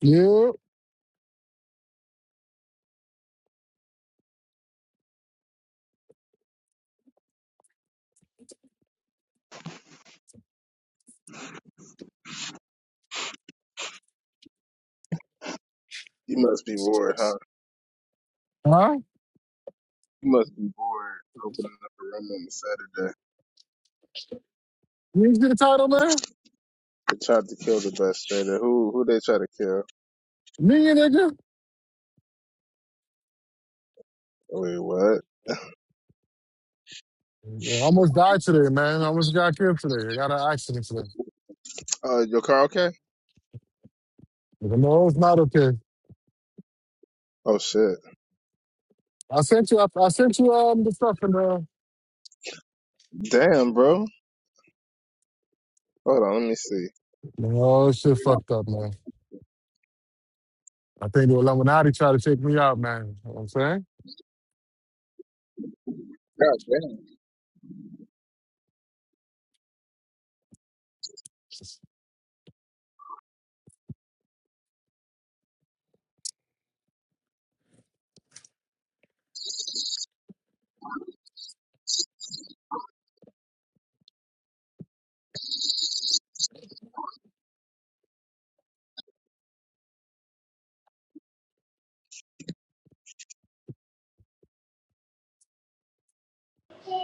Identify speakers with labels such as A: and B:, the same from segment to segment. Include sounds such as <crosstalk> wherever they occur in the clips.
A: Yeah.
B: You must be bored, huh?
A: Huh?
B: You must be bored opening up a room on a Saturday.
A: You ain't see the title, man?
B: They tried to kill the best trader. Who who they try to kill?
A: Me, you nigga?
B: Wait, what?
A: I almost died today, man. I almost got killed today. I got in an accident today.
B: Uh your car okay?
A: Nigga, No, it's not okay.
B: Oh shit.
A: I sent you I, I sent you um the stuff and uh
B: Damn, bro. Hold on, let me see.
A: No shit fucked up, man. I think the Illuminati tried to take me out, man. You know what I'm saying?
B: God damn.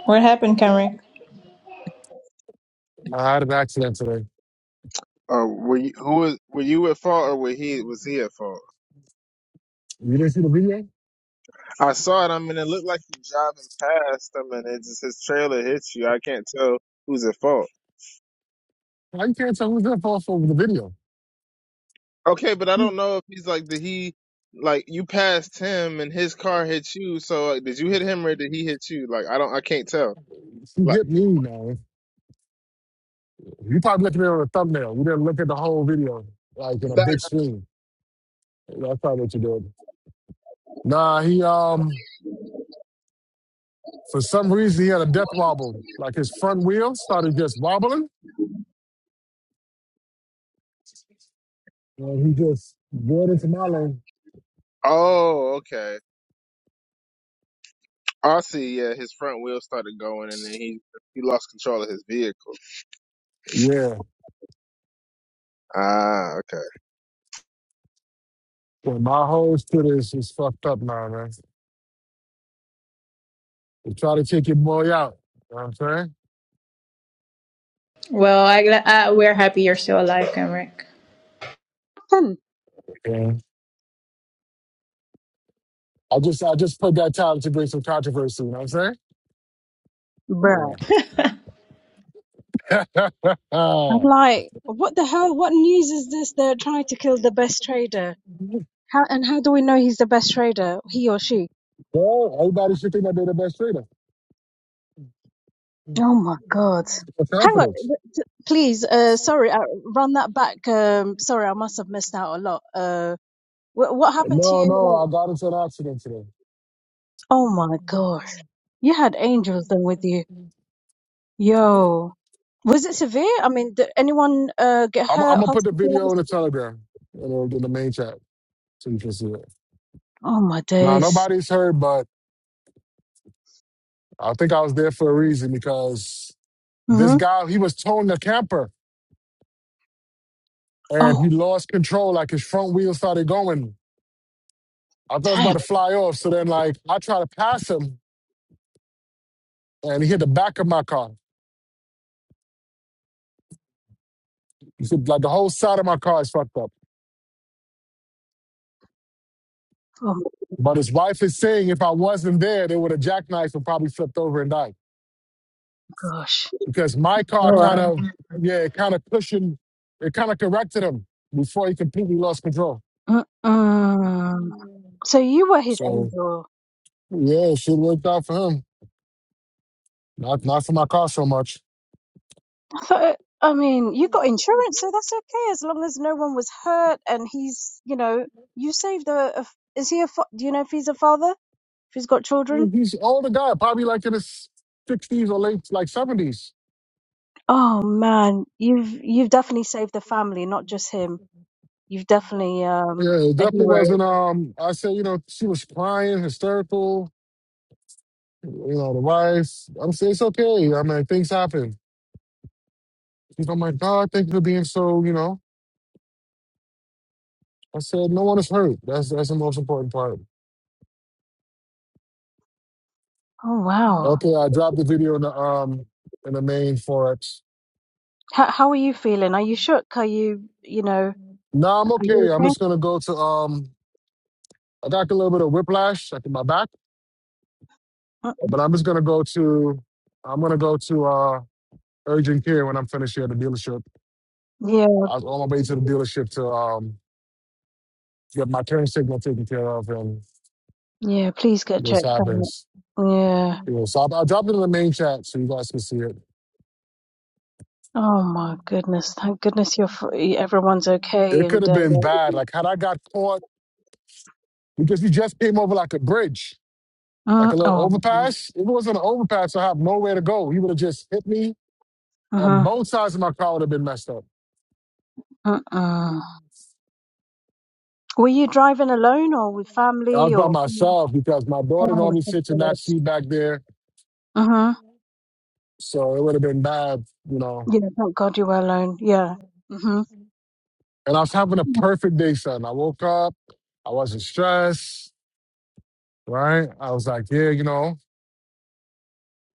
C: What happened, Cameron?
A: I had an accident today.
B: Uh, were you who was were you at fault or were he was he at fault?
A: You didn't see the video?
B: I saw it, I mean it looked like you jogging past him and it just his trailer hit you. I can't tell who's at fault.
A: How you can't tell who's there for over the video?
B: Okay, but I
A: You
B: don't know if he's like, did he, like, you passed him and his car hit you, so like, did you hit him or did he hit you? Like, I don't, I can't tell.
A: you
B: Like,
A: get me, man. You probably looking at it on a thumbnail. You didn't look at the whole video, like in a
B: that,
A: big screen. That's probably what you did. Nah, he um for some reason he had a death wobble. Like his front wheel started just wobbling, and he just roared into my lane.
B: oh, okay. I see, yeah, his front wheel started going and then he, he lost control of his vehicle.
A: Yeah,
B: Ah, okay.
A: well, my whole Twitter is just fucked up now, man. They try to kick your boy out. You know what I'm saying?
C: Well, I, gla- uh we're happy you're still alive, Kenrick.
D: 10,
A: Yeah. I just I just put that title to bring some controversy. You know what I'm
D: bruh.
A: saying? Yeah. <laughs>
D: I'm
A: well,
D: like, what the hell? What news is this? They're trying to kill the best trader. How and how do we know he's the best trader? He or she?
A: everybody should think that they're the best trader for
D: Oh my god. Hang on,
A: confidence.
D: th- th- please. Uh, sorry, I run that back. Um, sorry, I must have missed out a lot. Uh, wh- what happened to you?
A: No, no,
D: Like,
A: I got into an accident today.
D: oh my gosh. you had angels then with you. Yo, was it severe? I mean, did anyone uh get
A: I'm, I'm
D: hurt,
A: gonna put the video in
D: hospitalized?
A: the Telegram, in the, in the main chat. So you
D: Oh my
A: Now
D: days.
A: nobody's hurt, but I think I was there for a reason because this
D: Mm-hmm.
A: guy he was towing the camper and
D: Oh
A: he lost control, like his front wheel started going. I thought it was
D: damn.
A: about to fly off. So then like I tried to pass him and he hit the back of my car. So, like the whole side of my car is fucked up.
D: Oh my
A: But his wife is saying if I wasn't there, they would have jackknifed and probably flipped over and died.
D: gosh.
A: Because my
C: Oh,
A: car kind
C: wow.
A: of yeah, it kind of cushioned, it kind of corrected him before he completely lost control.
D: Mm-mm. So you were his
A: So
D: angel.
A: Yeah, should have worked out for him. Not not for my car so much.
D: I thought, I mean, you got insurance, so that's okay as long as no one was hurt and he's, you know, you saved a, a is he a, fa- do you know if he's a father? If he's got children?
A: He's an older guy, probably like in his sixties or late like seventies.
D: Oh man, you've, you've definitely saved the family, not just him. You've definitely, um,
A: Yeah, it
D: a
A: definitely
D: hero.
A: wasn't um I said, you know, she was crying, hysterical, you know, the wife. I'm saying it's okay. I mean things happen. She's like, oh my God, thank you for being so, you know. I said, no one is hurt. That's that's the most important part.
D: Oh wow.
A: Okay, I dropped the video in the um in the main forex.
D: How, how are you feeling? Are you shook? Are you, you know,
A: No, I'm
D: are you
A: okay. I'm just gonna go to um I got a little bit of whiplash like in my back.
D: okay?
A: But I'm just gonna go to I'm gonna go to uh urgent care when I'm finished here at the dealership.
D: Yeah,
A: I was on my way to the dealership to um get my turn signal taken care of and
D: yeah, please get
A: this
D: checked out.
A: happens.
D: Yeah.
A: You know, so I'll, I'll drop it in the main chat so you guys can see it.
D: Oh my goodness! Thank goodness you're f- everyone's okay.
A: It could
D: And
A: have
D: uh,
A: been bad. Like had I got caught because we just came over like a bridge, like
D: mm,
A: a little
D: oh,
A: overpass. If it wasn't an overpass, I have nowhere to go. He would have just hit me and
D: uh-huh,
A: both sides of my car would have been messed up.
D: uh-uh. Were you driving alone or with
A: I was
D: family
A: by
D: or? friends?
A: myself because my daughter
D: Oh,
A: normally
D: thank
A: sits in
D: God.
A: that seat back there
D: Uh-huh.
A: So it would have been bad, you know.
D: Yeah, thank God you were alone. Yeah. Mm-hmm.
A: And I was having a perfect day, son. I woke up, I wasn't stressed, right? I was like, yeah, you know,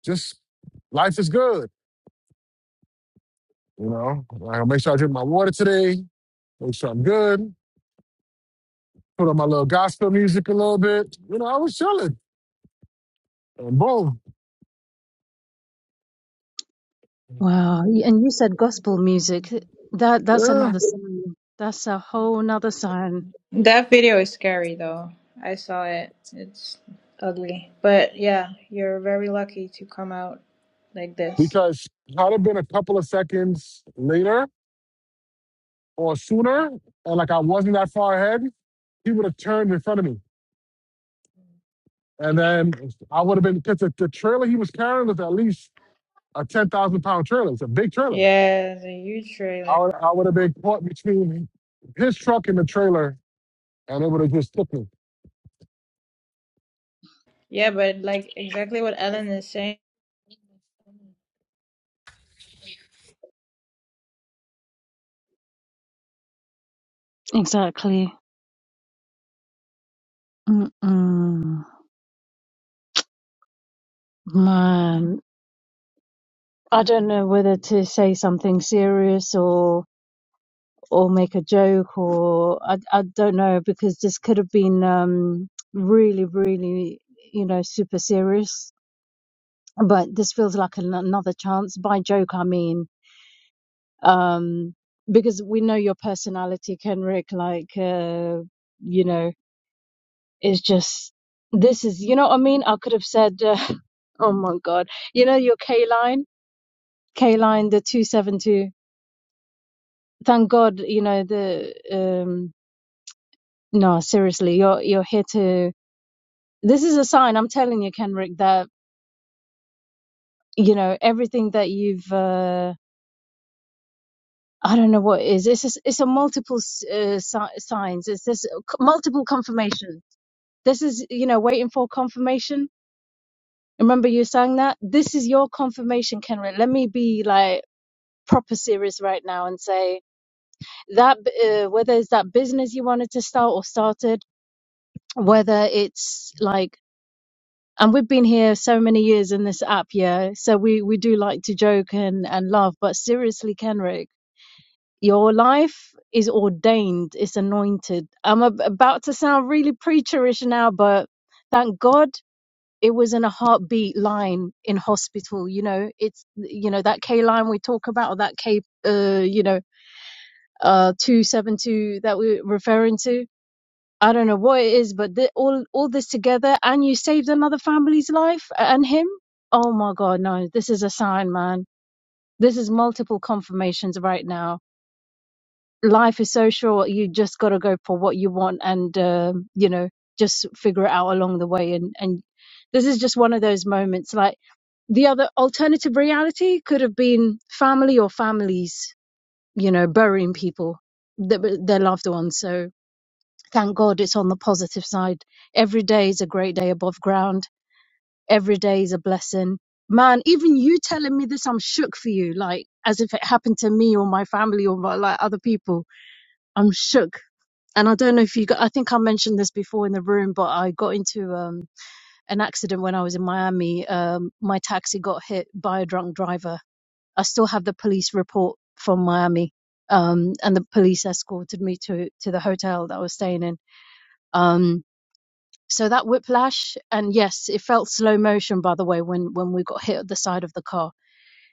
A: just life is good, you know. Like, I'll make sure I drink my water today, make sure I'm good, put on my little gospel music a little bit. You know, I was chilling. And boom.
D: Wow. Y- And you said gospel music. That that's
A: Yeah.
D: another sign. That's a whole nother sign.
C: That video is scary, though. I saw it. It's ugly. But yeah, you're very lucky to come out like this.
A: Because had it been a couple of seconds later or sooner, or like I wasn't that far ahead, he would have turned in front of me And then I would have been because the, the trailer he was carrying was at least a ten thousand pound trailer. It's a big trailer.
C: Yeah, it's a huge
A: I
C: trailer.
A: would I would have been caught between his truck and the trailer, and it would have just took me.
C: Yeah, but like exactly what Ellen is saying.
D: Exactly. Mm-mm. Man, I don't know whether to say something serious or make a joke or I, I don't know because this could have been um, really really you know super serious but this feels like an, another chance by joke I mean um, because we know your personality Kenrick like uh, you know it's just this is you know what I mean I could have said uh, <laughs> oh my god you know your K line K line the 272 thank god you know the um no seriously you're you're here to this is a sign i'm telling you kenrick that you know everything that you've uh, i don't know what it is it's just, it's a multiple uh, si- signs it's this multiple confirmation this is you know waiting for confirmation remember you sang that this is your confirmation kenrick let me be like proper serious right now and say that uh, whether it's that business you wanted to start or started whether it's like and we've been here so many years in this app, yeah. So we we do like to joke and and laugh, but seriously, Kenrick, your life is ordained, it's anointed. I'm ab- about to sound really preacherish now, but thank God it was in a heartbeat line in hospital. You know, it's you know that K line we talk about, or that K, uh, you know, uh, two seven two that we're referring to I don't know what it is, but the, all all this together, and you saved another family's life and him. Oh my God, no! This is a sign, man. This is multiple confirmations right now. Life is so short; you just got to go for what you want, and um, you know, just figure it out along the way. And and this is just one of those moments. Like the other alternative reality could have been family or families, you know, burying people, their, their loved ones. So Thank God it's on the positive side. Every day is a great day above ground. Every day is a blessing. Man, even you telling me this, I'm shook for you. Like as if it happened to me or my family or my, like other people. I'm shook. And I don't know if you got, I think I mentioned this before in the room, but I got into um, an accident when I was in Miami. Um, my taxi got hit by a drunk driver. I still have the police report from Miami. Um, and the police escorted me to, to the hotel that I was staying in. Um, So that whiplash, and yes, it felt slow motion, by the way, when, when we got hit at the side of the car.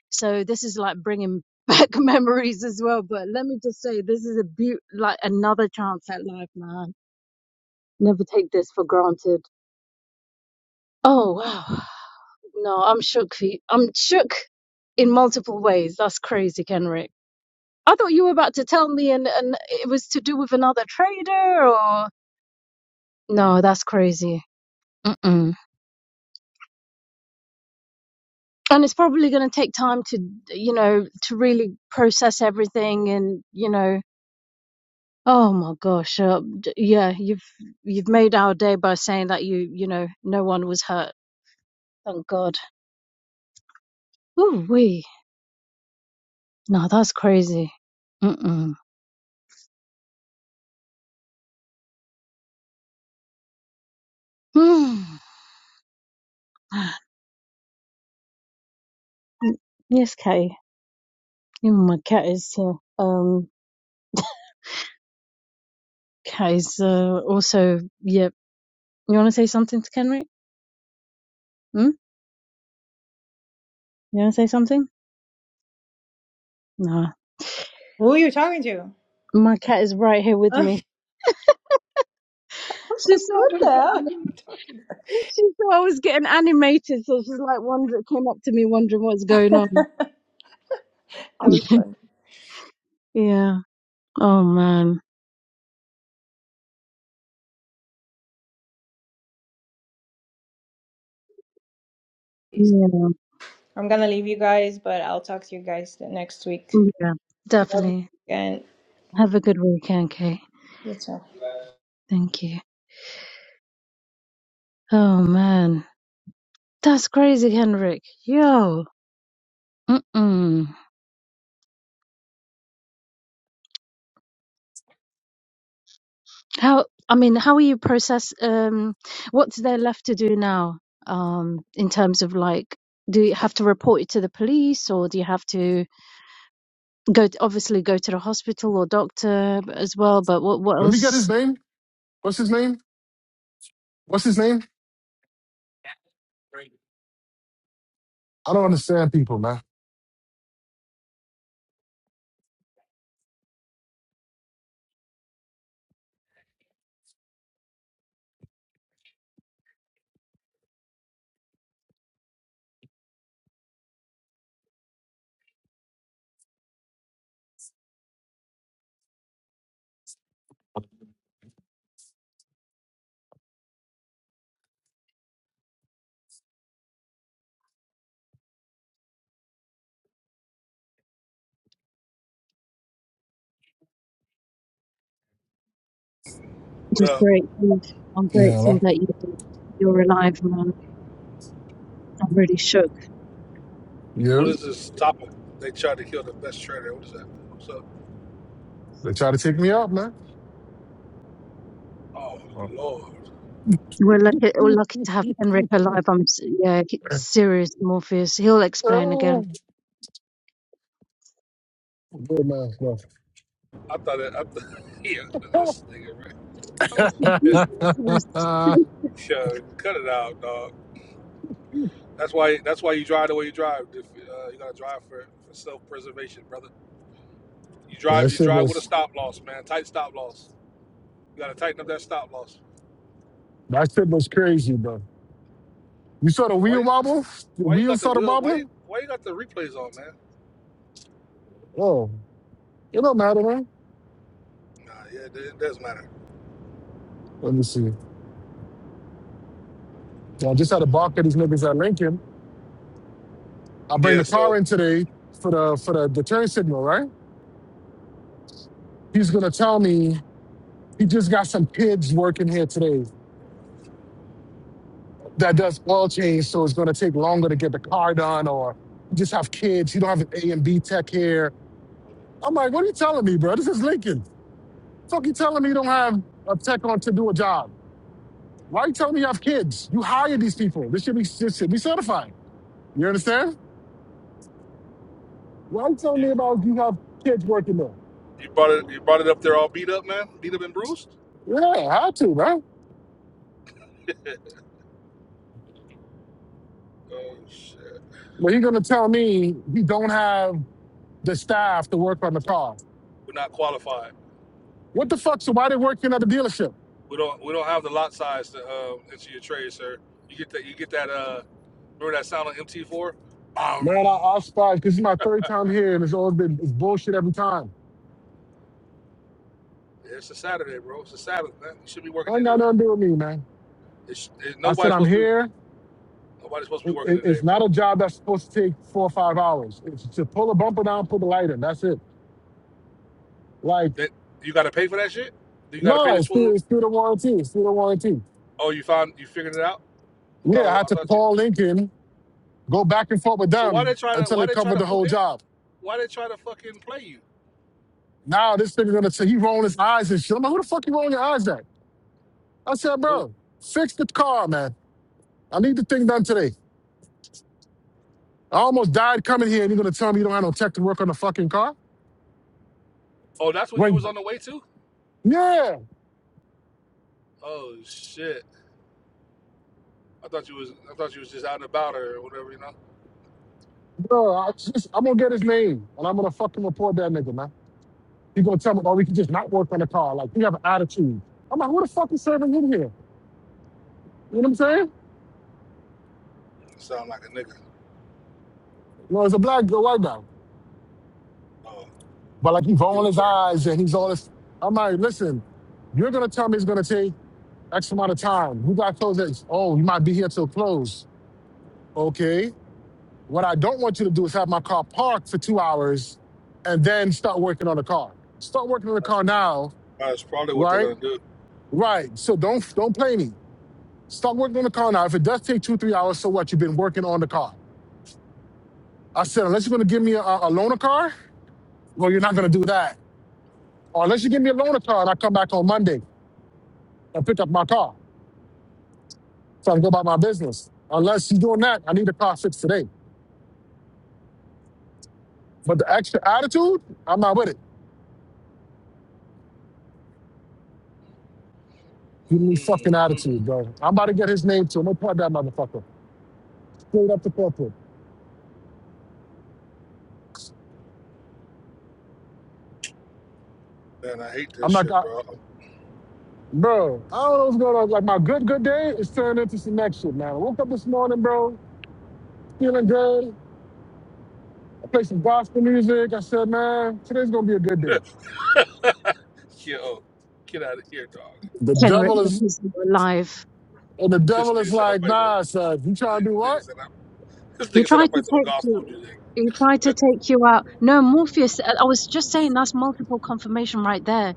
D: So this is like bringing <laughs> back memories as well. But let me just say, this is a beaut, like another chance at life, man. Never take this for granted. Oh, wow. No, I'm shook. Fe- I'm shook in multiple ways. That's crazy, Kenrick. I thought you were about to tell me and, and it was to do with another trader or. No, that's crazy. Mm-mm. and it's probably going to take time to you know to really process everything and you know oh my gosh uh, d- yeah you've you've made our day by saying that you you know no one was hurt thank god ooh wee no that's crazy mm mm <sighs> yes Kay. even my cat is here um cat is uh, also yeah you want to say something to Kenrick hmm you want to say something no
C: Who are you talking to?
D: my cat is right here
C: <laughs>
D: with
C: I
D: me
C: was
D: She
C: like,
D: saw I
C: what the
D: was,
C: hell are you
D: I-
C: talking
D: she saw I was getting animated, so she's like wondering, came up to me wondering what's going on.
C: about? That was
D: <laughs>
C: fun.
D: yeah. Oh man. Yeah.
C: I'm gonna leave you guys, but I'll talk to you guys the next week.
D: Yeah.
C: Love you.
D: Definitely.
C: And
D: Have a good weekend, Kate.
C: that's all.
D: Thank you. Oh man, that's crazy, Henrik. Yo. Mm-mm. How? I mean, how are you process? Um, what's there left to do now? Um, in terms of like, do you have to report it to the police, or do you have to? go to, obviously go to the hospital or doctor as well. But what what
A: Let me get his
D: else?
A: name. What's his name? What's his name? I don't understand people, man.
E: What
D: Just
E: up?
D: grateful. I'm
A: Yeah, hello?
D: grateful that you you're alive, man. I'm really shook.
A: yeah.
E: What is this topic? They tried to kill the best trader. What is that? So,
A: They try to take me out, man.
E: oh
A: Oh.
E: lord,
D: We're lucky. We're
A: <laughs>
D: lucky to have Henrik alive. I'm s- yeah, he- serious Morpheus. He'll explain again.
A: Good man, no.
E: I thought it. I thought, <laughs> yeah, this nigga right.
A: <laughs>
D: I was
E: <laughs>
D: confused at first.
A: that
D: <laughs>
E: yeah, cut it out, dog. That's why. That's why you drive the way you drive. If, uh, you gotta drive for, for self preservation, brother. You drive. You
A: shit
E: drive with a
A: was
E: stop loss, man. Tight stop loss. You gotta tighten up that stop loss.
A: that shit was crazy, bro. You saw the
E: But why?
A: wheel wobble? The
E: Why you
A: wheel
E: got the
A: started
E: wheel? Why you?
A: wobbling?
E: Why you got the replays on, man?
A: Oh, it don't matter, man.
E: Nah, yeah, it, it does matter.
A: Let me see. So I just had a bark at these niggas at Lincoln. I bring
E: Yeah,
A: the car
E: so
A: in today for the for the, the turn signal, right? He's gonna tell me he just got some kids working here today that does oil change, so it's gonna take longer to get the car done, or you just have kids. You don't have an A and B tech here. I'm like, what are you telling me, bro? This is Lincoln. Fuck you telling me you don't have a tech on to do a job. Why you telling me you have kids? You hired these people. This should be this should be certified. You understand? Why you telling
E: you,
A: me about you have kids working there?
E: you brought it. You brought it up there all beat up, man. Beat up and bruised.
A: Yeah, how to, man?
E: <laughs> Oh shit.
A: Well, you gonna tell me you don't have the staff to work on the car?
E: We're not qualified.
A: What the fuck? So why they working at the dealership?
E: We don't we don't have the lot size to um, enter your trade, sir. You get that you get that uh remember that sound on MT four? Um
A: Man, I, I was surprised. This is my third time here, and it's always been it's bullshit every time.
E: it's a Saturday, bro. It's a Sabbath, man. You should be working
A: I ain't got
E: anyway.
A: nothing to do with me, man.
E: It's, it,
A: I said
E: nobody's
A: I'm
E: supposed to be
A: here.
E: nobody's supposed to be
A: It,
E: working
A: it-
E: today,
A: it's not
E: bro.
A: a job that's supposed to take four or five hours. It's to pull a bumper down, put the light in. That's it. Like,
E: That you gotta pay for that shit? You gotta pay
A: no,
E: the
A: it's
E: twenty?
A: through, it's through the warranty. It's through the warranty.
E: Oh, you found you figured it out? I thought
A: Yeah, I
E: I,
A: had
E: I
A: to
E: thought you
A: call Lincoln, go back and forth with
E: So why they
A: them
E: try to
A: until
E: why
A: they
E: they try
A: covered
E: to
A: the
E: fuck
A: whole
E: it?
A: job.
E: Why they try to fucking play you?
A: Now this nigga gonna say he rolling his eyes and shit. I'm like, who the fuck you rolling your eyes at? I said,
E: Oh,
A: bro, fix the car, man. I need the thing done today. I almost died coming here, and you're gonna tell me you don't have no tech to work on the fucking car?
E: oh that's what you was
A: When
D: Of
E: on the way to?
A: yeah,
E: Oh shit. I thought you was I thought you was just out and about her or whatever, you know.
A: bro, I just, I'm gonna get his name and I'm gonna fucking report that nigga, man. He gonna tell me, oh, we can just not work on the car. Like we have an attitude. I'm like, who the fuck is serving him here? You know what I'm saying?
E: You sound like a nigga.
A: You know, it's a black girl, white guy.
E: Oh,
A: But like he's rolling
E: even
A: his
E: worse.
A: eyes and he's all this. I'm like, listen, you're gonna tell me it's gonna take X amount of time. Who got close at? Oh, you might be here till close. Okay. What I don't want you to do is have my car parked for two hours and then start working on the car. Start working on the
E: That's,
A: car now,
E: that's probably what they're
A: right?
E: gonna do.
A: Right. So don't don't play me. Start working on the car now. If it does take two, three hours, so what? You've been working on the car. I said, unless you're gonna give me a, a loaner car, well, you're not gonna do that. Or unless you give me a loaner car and I come back on Monday and pick up my car so I can go about my business. Unless you're doing that, I need the car fixed today. But the extra attitude, I'm not with it. Give me fucking
E: hmm
A: attitude, bro. I'm about to get his name too. No part that motherfucker. Straight up the corporate.
E: Man, I hate
A: I'm
E: this
A: not
E: shit,
A: got
E: bro.
A: bro. I don't know what's going on. Like my good good day is turning into some next shit, man. I woke up this morning, bro, feeling good. I played some gospel music. I said, man, today's gonna be a good day.
E: Yo, get out of here, dog.
A: The
D: Henrik
A: devil is
D: because you were alive.
A: and the
E: This
A: devil is
E: nigga said I
A: like,
E: played some.
A: nah, son, you trying to do
E: Nigga
A: what?
E: said I, this
D: He
E: nigga said I
D: tried to
E: played some
D: take
E: gospel
D: you.
E: music.
D: He tried to take you out. No, Morpheus. I I was just saying that's multiple confirmation right there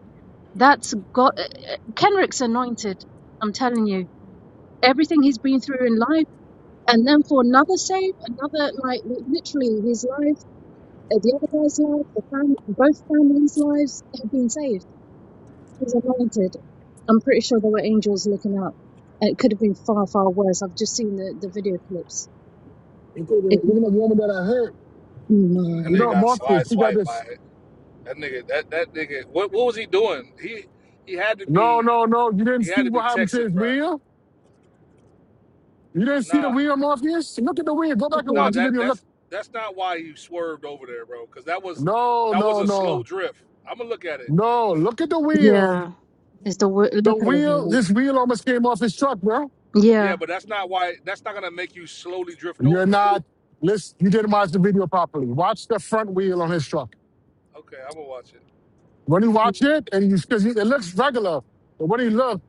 D: That's God. uh, uh, Kenrick's anointed. I'm telling you, everything he's been through in life, and then for another save, another like li- literally his life, uh, the other guy's life, the fam- both families' lives have been saved. He's anointed. I'm pretty sure there were angels looking out. It could have been far, far worse. I've just seen the, the video clips.
A: Including
D: It was,
A: even the woman that I hurt.
E: That
A: You
E: nigga
A: know,
D: Mm,
E: got
A: Morpheus,
E: slide
A: he got
E: swiped by
A: this.
E: it. That nigga, that that nigga, what what was he doing? He he had to
A: No,
E: be
A: no, no. You didn't
E: he
A: see
E: had to
A: what
E: be
A: happened to his
E: texting, bro.
A: wheel? You didn't see the
E: Nah,
A: wheel, Morpheus? Look at the wheel. Go back and
E: Nah,
D: Okay.
A: watch the
E: that
A: video. Look.
E: that's that's not why you swerved over there, bro. Because that was
A: No,
E: that was
A: no,
E: a slow
A: no.
E: drift. I'm gonna look at it.
A: No. Look at the wheel.
D: yeah, it's the wo- look at
A: The
D: the whole
A: wheel,
D: thing.
A: this wheel almost came off his truck, bro.
E: Yeah,
D: Yeah,
E: but that's not why. That's not gonna make you slowly drift
A: You're
E: over.
A: not listen, you didn't watch the video properly. Watch the front wheel on his truck.
E: Okay, I'm gonna watch it.
A: When you watch it, and you because it looks regular, but when he looked,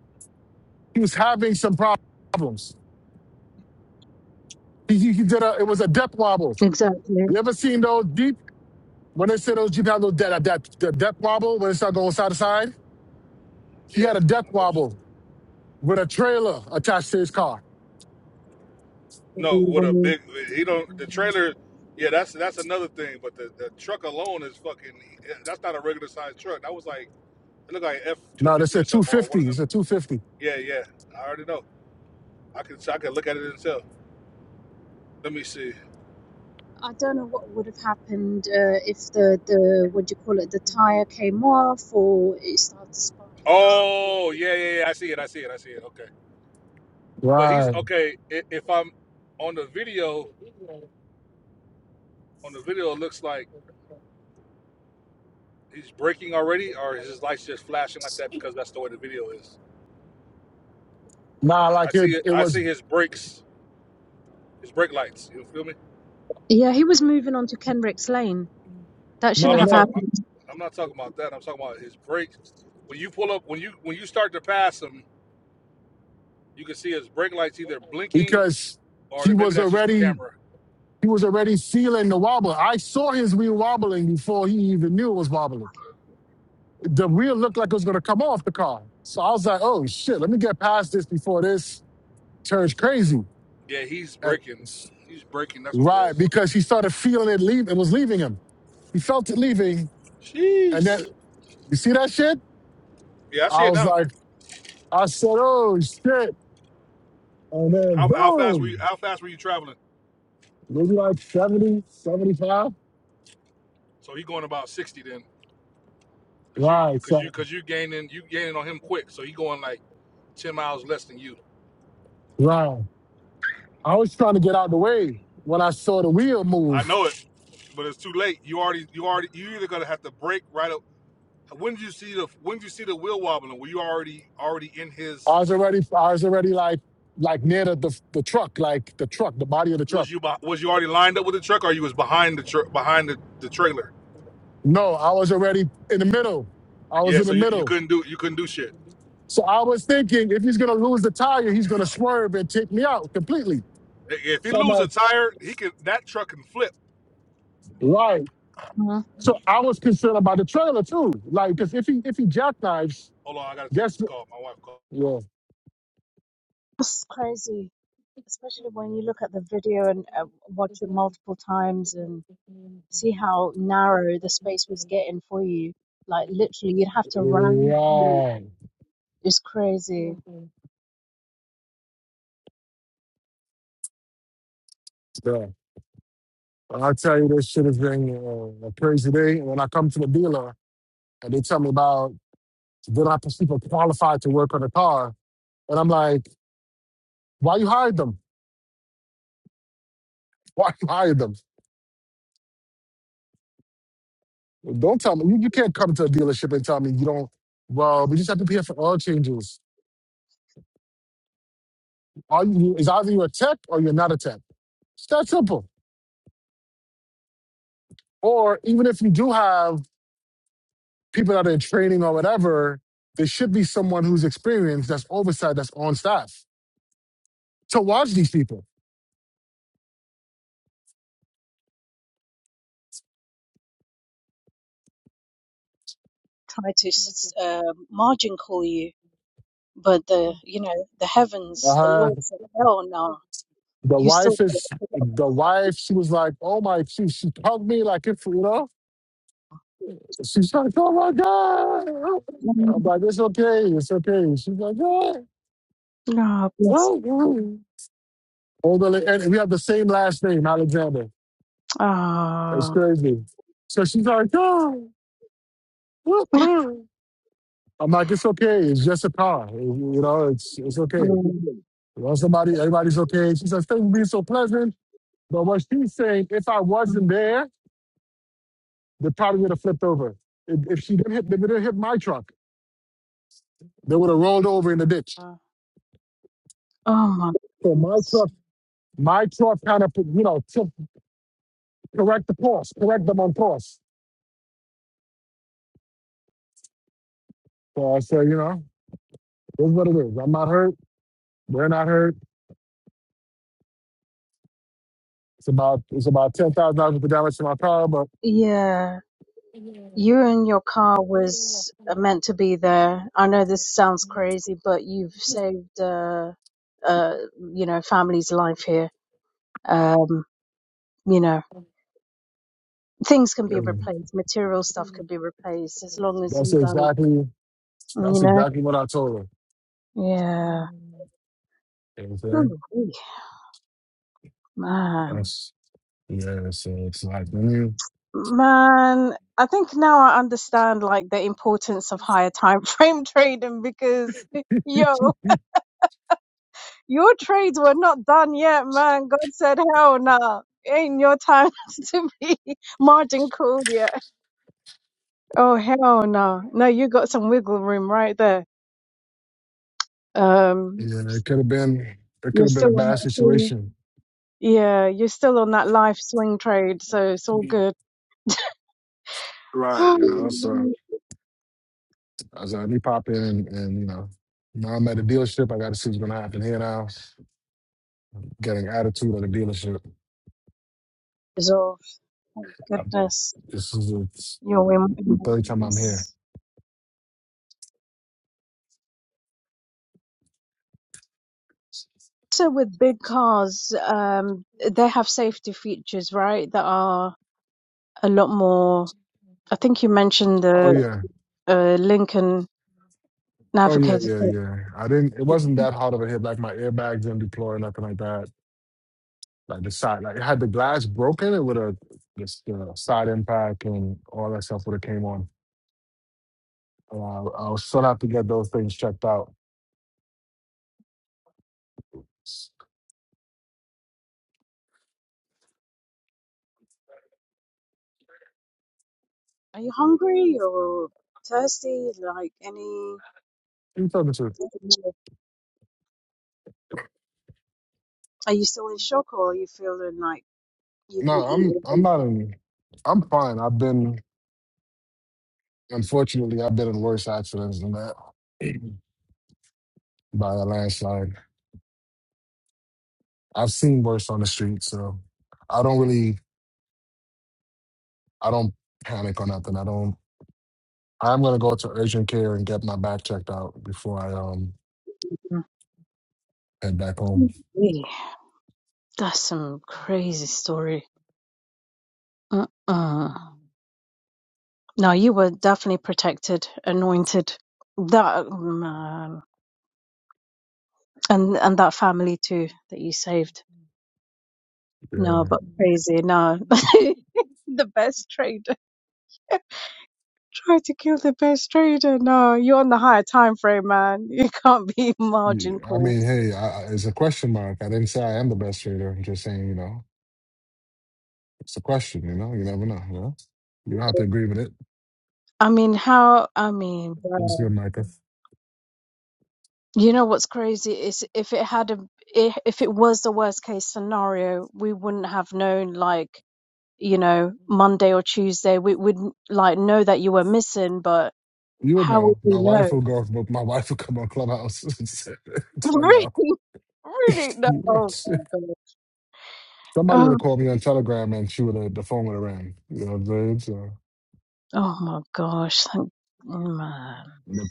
A: he was having some problems. He, he, he did a it was a depth wobble.
D: exactly.
A: You ever seen those deep when they say those Jeep have those that that the depth wobble when it started going side to side? He had
E: Yeah.
A: a depth wobble with a trailer attached to his car.
E: No, with a big. He don't. The trailer. Yeah, that's that's another thing. But the, the truck alone is fucking. eh, That's not a regular sized truck. That was like it looked like F two
A: No, that's
E: fifty
A: a
E: or something or one
A: 250.
E: of
A: It's
E: them.
A: a 250.
E: Yeah, yeah. I already know. I can I can look at it and tell. Let me see.
D: I don't know what would have happened uh, if the, the what do you call it the tire came off or it started sparking up. Or...
E: Oh yeah yeah yeah. I see it. I see it. I see it. Okay. But he's
A: Right.
E: okay. i- If I'm on the video, on the video, it looks like he's braking already, or is his lights just flashing like that because that's the way the video is.
A: Nah,
E: I
A: like it,
E: see it.
A: it
E: I
A: was
E: see his brakes, his brake lights. You feel me?
D: Yeah, he was moving on to Kenrick's Lane. That
E: No, I'm
D: shouldn't
A: no,
E: not
D: have
E: talking.
A: no,
D: happened.
E: I'm not talking about that. I'm talking about his brakes. When you pull up, when you when you start to pass him, you can see his brake lights either blinking
A: because
E: or
A: he
E: maybe
A: was
E: that's just the
A: already
E: camera.
A: he was already feeling the wobble. I saw his wheel wobbling before he even knew it was wobbling. The wheel looked like it was gonna come off the car. So I was like, oh shit, let me get past this before this turns crazy.
E: Yeah, he's
A: And,
E: braking. He's braking. That's what it
A: right,
E: is.
A: because he started feeling it leave. It was leaving him. He felt it leaving, and then
E: Jeez.
A: you see that shit.
E: Yeah, I see
A: I
E: it
A: was
E: now.
A: like, I said, oh shit. And then
E: How, how fast were you?
A: boom,
E: How fast were you traveling?
A: maybe like 70, 75.
E: So he going about sixty then, cause you,
A: Right.
E: cause you,
A: So,
E: cause you gaining, you gaining on him quick. So he going like ten miles less than you.
A: right. I was trying to get out the way when I saw the wheel
E: I
A: move.
E: know it, but it's too late. You already, you already, you either gonna have to break right up. When did you see the? When did you see the wheel wobbling? Were you already, already in his?
A: I was already, I was already like, like near the, the, the truck, like the truck, the body of the truck.
E: Was you, beh- was you already lined up with the truck, or you was behind the truck, behind the, the trailer?
A: No, I was already in the middle. I was
E: Yeah.
A: in
E: So
A: the
E: you, you
A: middle.
E: couldn't do, you couldn't do shit.
A: So I was thinking if he's going to lose the tire, he's going to swerve and take me out completely.
E: If he
A: So I'm
E: lose
A: like,
E: a tire, he can. That truck can flip.
A: right.
D: Mhm.
A: So I was concerned about the trailer too. Like, because if he, if he jackknives,
E: Hold on, I gotta take
A: Guess
E: this
A: what?
E: call. My wife called.
A: Yeah.
D: It's crazy, especially when you look at the video and uh, watch it multiple times and see how narrow the space was getting for you. Like literally, you'd have to run. through-
A: Wow.
D: It's crazy.
A: So, I'll tell you, this shit has been uh, a crazy day. And when I come to the dealer and they tell me about they I not people qualified to work on a car, and I'm like, why you hired them? <laughs> Why you hired them? Well, Don't tell me. You, you can't come to a dealership and tell me you don't. Well, we just have to be here for oil changes. Are you is either you're a tech or you're not a tech. It's that simple. Or even if you do have people that are in training or whatever, there should be someone who's experienced that's oversight that's on staff to watch these people.
D: Try to s- uh, margin call you, but the you know the heavens, the
A: Uh,
D: Lord said, "Hell no."
A: the
D: You still.
A: wife is the wife. She was like, "Oh my!" She she hugged me like if you know. She's like, "Oh my god!" I'm like, "It's okay, it's okay." She's like, "Oh,
D: Oh, bless.
A: oh, oh." Older la- and we have the same last name, Alexander. It's
D: Ah.
A: crazy. So she's like, "Oh, oh, oh." I'm like, "It's okay. It's just a car. You know, it's it's okay."
D: Mm.
A: Well, somebody, everybody's okay. She says, thank you for being so pleasant. But what she's saying, if I wasn't
D: Mm.
A: there, they probably would have flipped over. If, if she didn't hit, they didn't hit my truck. They would have rolled over in the ditch.
D: Oh my
A: So my
D: goodness.
A: truck, my truck kind of, you know, took, correct the course, correct them on course. So I said, you know, this is what it is. I'm not hurt. We're not hurt. It's about, it's about $10,000 worth of damage to my car, but
D: Yeah, you and your car was uh, meant to be there. I know this sounds crazy, but you've saved, uh, uh, you know, family's life here. Um, you know, things can
A: <clears throat>
D: be
A: um,
D: replaced, material stuff can be replaced as long as
A: that's
D: you guys,
A: exactly,
D: you
A: that's
D: know.
A: exactly what I told her.
D: Yeah.
A: You know what I'm saying?
D: Ooh, wee.
A: That's, yeah, so it's like, mm.
D: Man, I think now I understand like the importance of higher time frame <laughs> trading because <laughs>
A: Yeah,
D: yo, your trades were not done yet, man. God said, hell no. It Ain't your time <laughs> to be margin called yet. Oh hell no. No, you got some wiggle room right there. Um
A: it could have been it could
D: you're
A: have been a
D: still on
A: bad
D: that swing.
A: situation.
D: Yeah, you're still on that life swing trade, so it's all good. <gasps>
A: Right, you know. So I was like, let me pop in and, and you know, now I'm at the dealership. I gotta see what's gonna happen here now. Getting attitude at the dealership.
D: Resolve. Thank
A: I,
D: goodness.
A: this is the,
D: You're
A: the third time I'm
D: in.
A: here.
D: So with big cars, um, they have safety features, right? That are a lot more. I think you mentioned
A: Oh
D: the
A: yeah.
D: uh, Lincoln
A: Oh yeah,
D: Navigator.
A: yeah, yeah. I didn't it wasn't that hard of a hit. Like my airbag didn't deploy or nothing like that. Like the side like it had the glass broken, it would have just the side impact and all that stuff would have came on. Uh, I'll still have to get those things checked out
D: Are you hungry or thirsty? Like any?
A: You talking to?
D: Are you still in shock or you feeling like? You
A: No,
D: can eat
A: I'm
D: all
A: I'm not in. I'm fine. I've been unfortunately I've been in worse accidents than that <clears throat> by a landslide. I've seen worse on the street, so I don't really I don't panic or nothing. I don't. I'm gonna go to urgent care and get my back checked out before I um
D: the
A: head back home.
D: Yeah, that's some crazy story. Uh-uh. No, you were definitely protected, anointed. That mm, um, and and that family too that you saved.
A: Yeah.
D: No, but crazy. No, <laughs> the best trader. Try to kill the best trader. No, you're on the higher time frame, man. <laughs> You can't be <laughs> margin
A: Yeah, I
D: called.
A: mean, hey, I, I- it's a question mark. I didn't say I am the best trader. I'm just saying, you know, it's a question. You know, you never know. You know, you don't have to agree with it.
D: I mean, how? I mean,
A: It was good, Micah.
D: You know what's crazy is if it had a if if it was the worst case scenario, we wouldn't have known like, you know, Monday or Tuesday. We wouldn't like know that you were missing, but
A: You would
D: how would
A: know.
D: we
A: My wife
D: know?
A: will go. My wife will come on Clubhouse <laughs> and
D: <laughs>
A: tell
D: Really,
A: y'all.
D: really no. Oh
A: <laughs>
D: my god.
A: Somebody would have
D: Oh,
A: called me on Telegram and she would have the phone would have rang. You know what I'm saying? So,
D: oh my gosh. Thank oh, man.
F: The,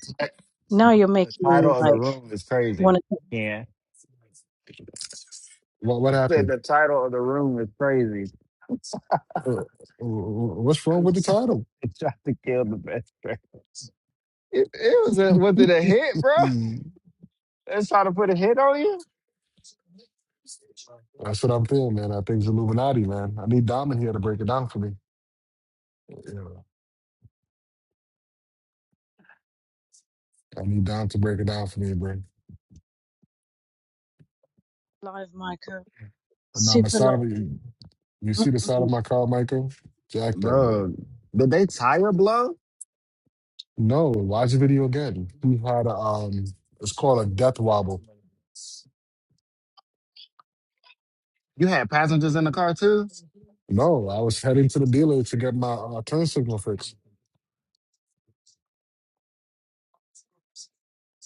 D: Now
F: the
D: you're
F: the
D: making me
F: title of the
D: like
F: room is crazy.
D: want to.
F: Yeah.
A: what what
F: I said
A: happened?
F: the title of the room is crazy. <laughs>
A: Uh, uh, what's wrong with the title?
F: they tried to kill the best friends. It, it was a was it a hit, bro?
A: Mm.
F: They trying to put a hit on you?
A: That's what I'm feeling, man. I think it's Illuminati, man. I need Dom in here to break it down for me. You know, I need Dom to break it down for me, bro.
D: Live, Michael.
A: But now my
D: Super
A: side of
D: lovely.
A: you, you see the side
D: Mm-mm.
A: of my car, Michael? Jacked up, bro.
F: Bro, did they tire blow?
A: No, watch the video again. He had a um, it's called a death wobble.
F: You had passengers in the car too?
A: No, I was heading to the dealer to get my uh, turn signal fixed.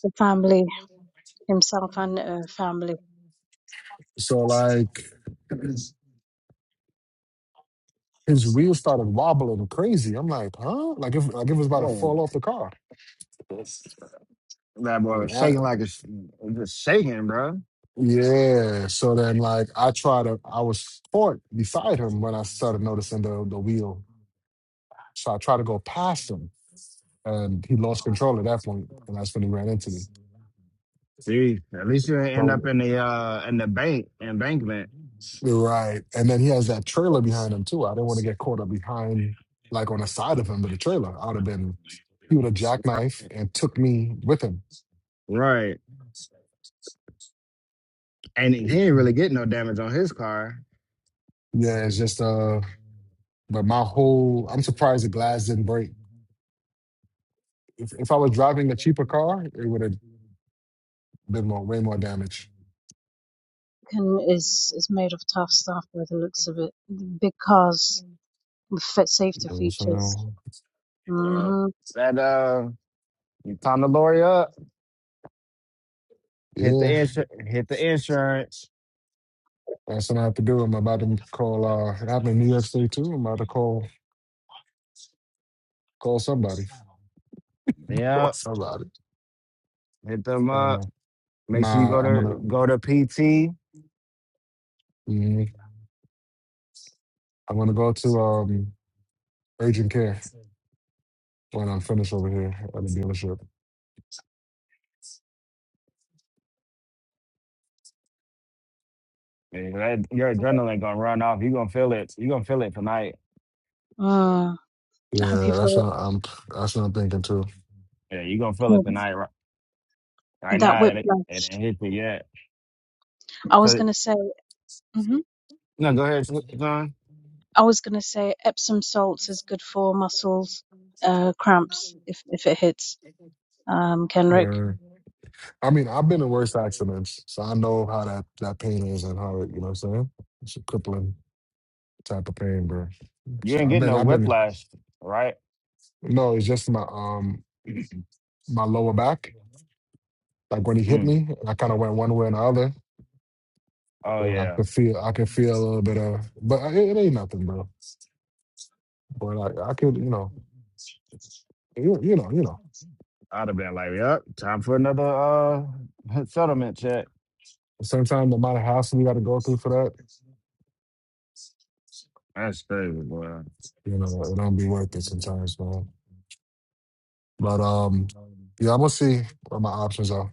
D: The family, himself and uh, family,
A: So like his wheels started wobbling crazy. I'm like, huh? Like if like it was about to
F: Oh,
A: fall off the car.
F: that boy was
A: And I,
F: shaking like a sh- just shaking, bro.
A: yeah. So then like I tried to, I was caught beside him when I started noticing the the wheel. So I tried to go past him, and he lost control at that point, and that's when he ran into me.
F: See, at least you didn't end
A: But
F: up in the uh in the bank embankment.
A: Right. And then he has that trailer behind him too. I didn't want to get caught up behind, like on the side of him with a trailer. I would have been, he would have jackknife and took me with him.
F: Right, right. And
A: <clears throat>
F: he ain't
A: yeah,
F: really get no damage on his car.
A: it's just, uh, but my whole, I'm surprised the glass didn't break. If, if I was driving a cheaper car, it would have been more, way more damage.
D: can, is is made of tough stuff by the looks of it. Big cars with fit
A: You
D: safety
A: know,
D: features.
A: So,
F: Wow.
D: Mm-hmm.
F: Is That uh, you found the lorry up? Hit the
A: yeah,
F: insur- hit the insurance.
A: that's what I have to do. I'm about to call, uh, it happened in New York State too. I'm about to call, call somebody. <laughs> Call
F: Yep.
A: somebody.
F: Hit them
A: I don't
F: up.
A: know.
F: Make sure you
A: My,
F: go
A: I'm
F: to
A: gonna,
F: go to PT.
A: mhm. I'm gonna go to um urgent care when I'm finished over here at the dealership.
F: Yeah, that- your adrenaline gonna run off. You gonna feel it. You gonna feel it tonight.
D: Mm. I hope you
A: Yeah, that's
D: feel
A: what I'm. That's what I'm thinking too.
F: Yeah, you gonna feel
D: yeah,
F: it tonight. Ri- Right
D: that
F: now, it,
D: whiplash.
F: it ain't hit you yet.
D: I was
F: So
D: gonna say, hmm
F: no, go ahead, Sw- John.
D: I was gonna say Epsom salts is good for muscles uh, cramps if if it hits. Um, Kenrick.
A: Man. I mean, I've been in worse accidents, so I know how that that pain is and how it. You know what I'm saying? It's a crippling type of pain, bro.
F: You
A: So
F: ain't
A: I've
F: getting
A: been.
F: no
A: I've been.
F: whiplash, right?
A: No, it's just my um <clears throat> my lower back. Like when he hit
F: Mm.
A: me, I kind of went one way and the other.
F: Oh
A: And I
F: yeah,
A: could feel. I could feel a little bit of. But it, it ain't nothing, bro. But I, I could. You know. You, you know. You know.
F: I'd have been like, yep, time for another uh <laughs> settlement check.
A: Sometimes the amount of hassle you got to go through for that,
F: That's crazy, boy.
A: you know, it don't be worth it sometimes, man. But um, yeah, I'm gonna see what my options are.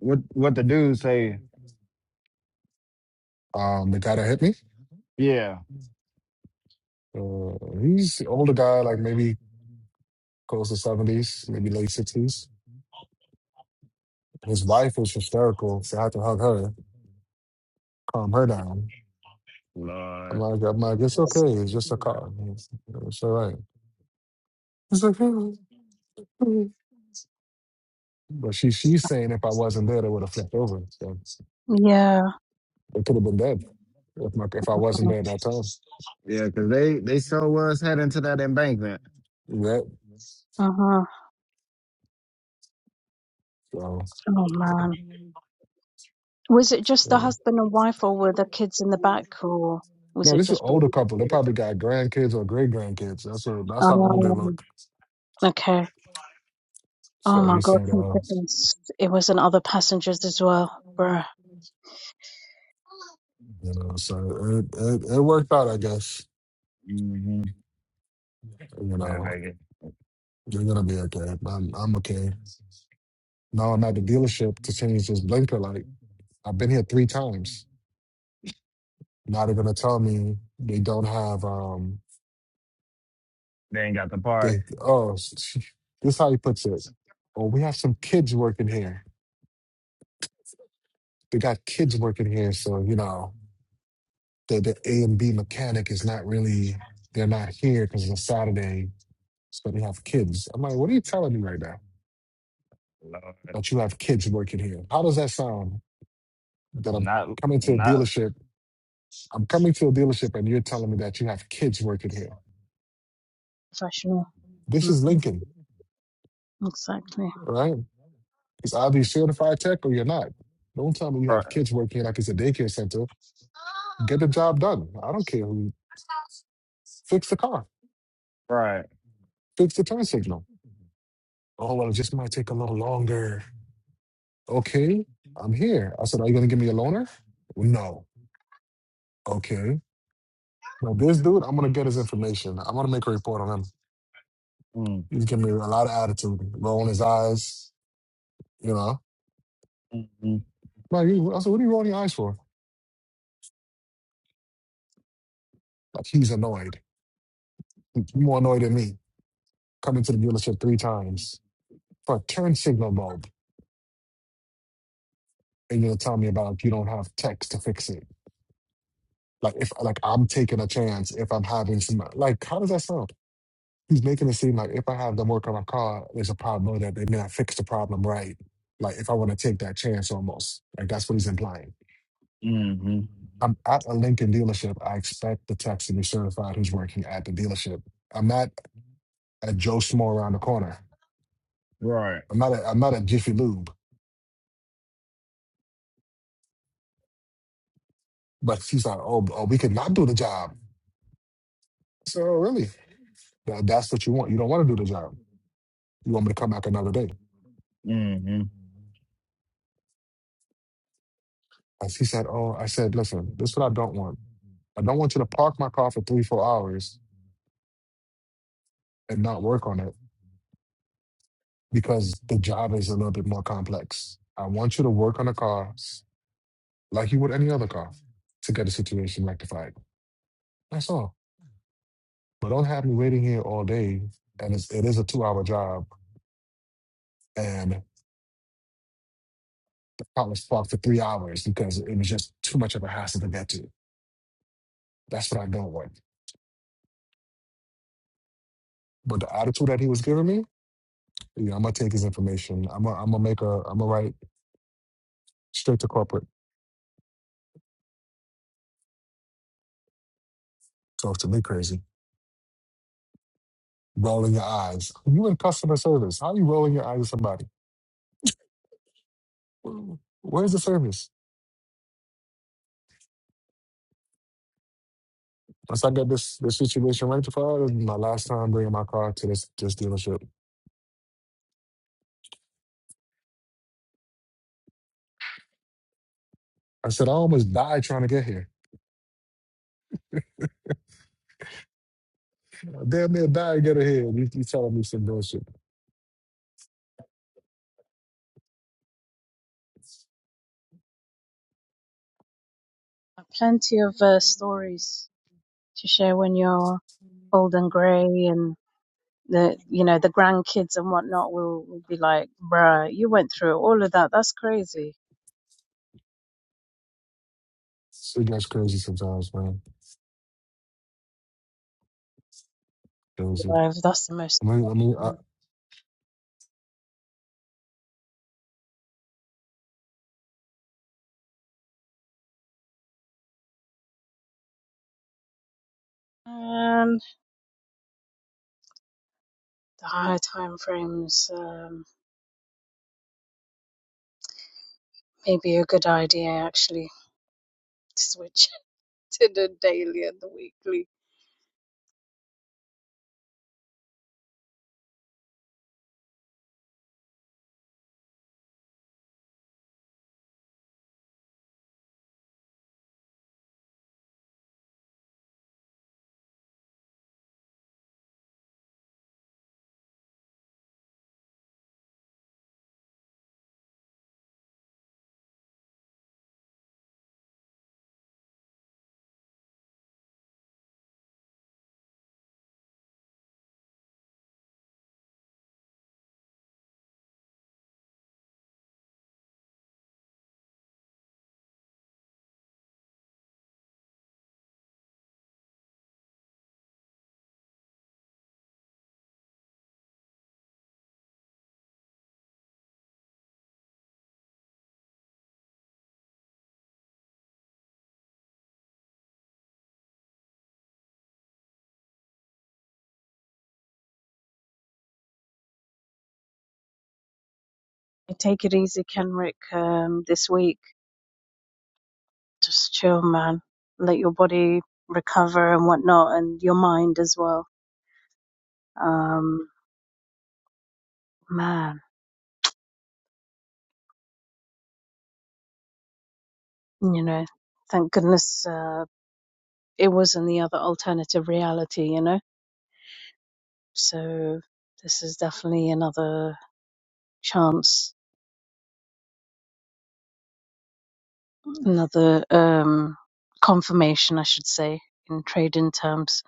F: What what the dude say?
A: Um, the guy that hit me,
F: Yeah,
A: uh, he's an older guy, like maybe close to seventies, maybe late sixties. His wife was hysterical, so I had to hug her, calm her down. I'm
F: Lord.
A: like, I'm like, it's okay,
D: Yes.
A: it's just a car, it's, it's all right. But she she's saying if I wasn't there, they would have flipped over. So
D: Yeah.
A: they could have been dead if my if I wasn't there at that time.
F: Yeah, because they, they sure was heading to that embankment.
A: Yeah.
D: Uh-huh.
A: So
D: Oh man. Was it just
A: yeah.
D: the husband and wife, or were the kids in the back, or was
A: no,
D: it
A: this is an
D: just both?
A: older couple. They probably got grandkids or great grandkids. That's what that's how old they
D: Um,
A: look.
D: okay. Oh
A: So
D: my
A: he
D: God,
A: said,
D: thank
A: uh,
D: goodness. It was in other passengers as well. Bruh,
A: you know, so it, it it worked out, I guess.
F: hmm
A: You
F: Yeah,
A: know,
F: they,
A: you're gonna be okay. I'm I'm okay. Now I'm at the dealership to change this blinker light. I've been here three times. Now they're gonna tell me they don't have um
F: they ain't got the part.
A: they oh <laughs> this is how he puts it. Oh, we have some kids working here. They got kids working here, so you know. the, the A and B mechanic is not really, they're not here because it's a Saturday, so they have kids. I'm like, what are you telling me right now?
F: Lord.
A: That you have kids working here. How does that sound? That I'm
F: not
A: coming to a
F: not
A: dealership, I'm coming to a dealership and you're telling me that you have kids working here.
D: professional.
A: This
D: hmm
A: is Lincoln,
D: Exactly.
A: right? It's either you certified tech or you're not. Don't tell me you
F: right.
A: have kids working here like it's a daycare center. Get the job done. I don't care who. Fix the car.
F: right.
A: Fix the turn signal. Oh, well, it just might take a little longer. Okay, I'm here. I said, Are you gonna give me a loaner? No. Okay. Now this dude, I'm gonna get his information. I'm gonna make a report on him.
F: Mm,
A: He's giving me a lot of attitude, rolling his eyes, you know.
F: mm,
A: Like he- I said, what are you rolling your eyes for? Like he's annoyed.
F: mm,
A: He's more annoyed than me. Coming to the dealership three times for a turn signal bulb. And you're gonna tell me about you don't have text to fix it. Like if like I'm taking a chance if I'm having some like how does that sound? he's making it seem like if I have them work on my car, there's a problem that they may not fix the problem right. Like if I want to take that chance almost. Like that's what he's implying.
F: hmm
A: I'm at a Lincoln dealership. I expect the tech to be certified who's working at the dealership. I'm not at Joe Schmo around the corner.
F: Right.
A: I'm not at, I'm not at Jiffy Lube. But he's like, oh, oh, we could not do the job. So really, Th- that's what you want. You don't want to do the job. You want me to come back another day.
F: Mm-hmm.
A: As he said, oh, I said, listen, this is what I don't want. I don't want you to park my car for three, four
F: I'm not
A: hours
F: gonna
A: and not work on it because the job is a little bit more
F: lie.
A: complex. I want you to work on a
F: <laughs>
A: car like you would any other car to get the situation rectified. That's all. But don't have me waiting here all day. And it's, it is a two hour job. And the car was parked for three hours because it was just too much of a hassle to get to. That's what I don't want. But the attitude that he was giving me, yeah, I'm going to take his information. I'm going to make a, I'm going to write straight to corporate. Talk to me crazy. Rolling your eyes. You in customer service. How are you rolling your eyes at somebody? Where's the service? Once I got this this situation rectified, this is my last time bringing my car to this this dealership. I said I almost died trying to get here. I Damn near died to get here. You, you telling me some bullshit.
D: Plenty of uh, stories to share when you're old and grey and the you know the grandkids and whatnot will, will be like bruh you went through all of that that's crazy
A: It gets crazy sometimes, man. Crazy.
D: Bruh, that's the most
A: I mean, I mean, I,
D: and the higher time frames um, may be a good idea actually to switch <laughs> to the daily and the weekly Hey, take it easy kenrick um, this week just chill man let your body recover and whatnot and your mind as well um, man you know thank goodness uh, it wasn't the other alternative reality, you know? So this is definitely another chance, another um, confirmation, I should say, in trading terms.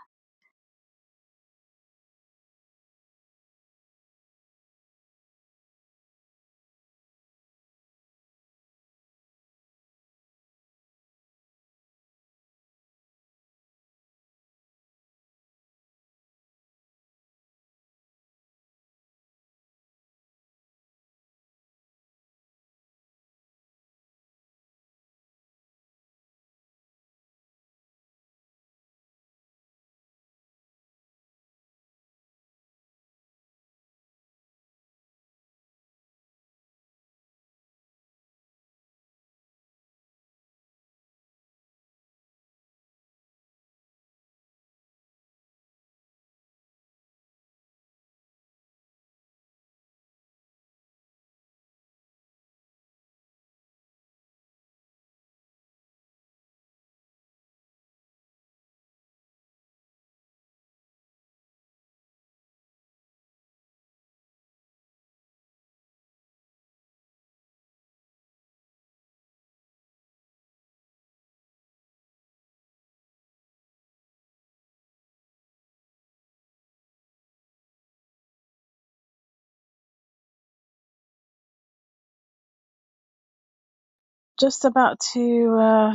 D: Just about to uh,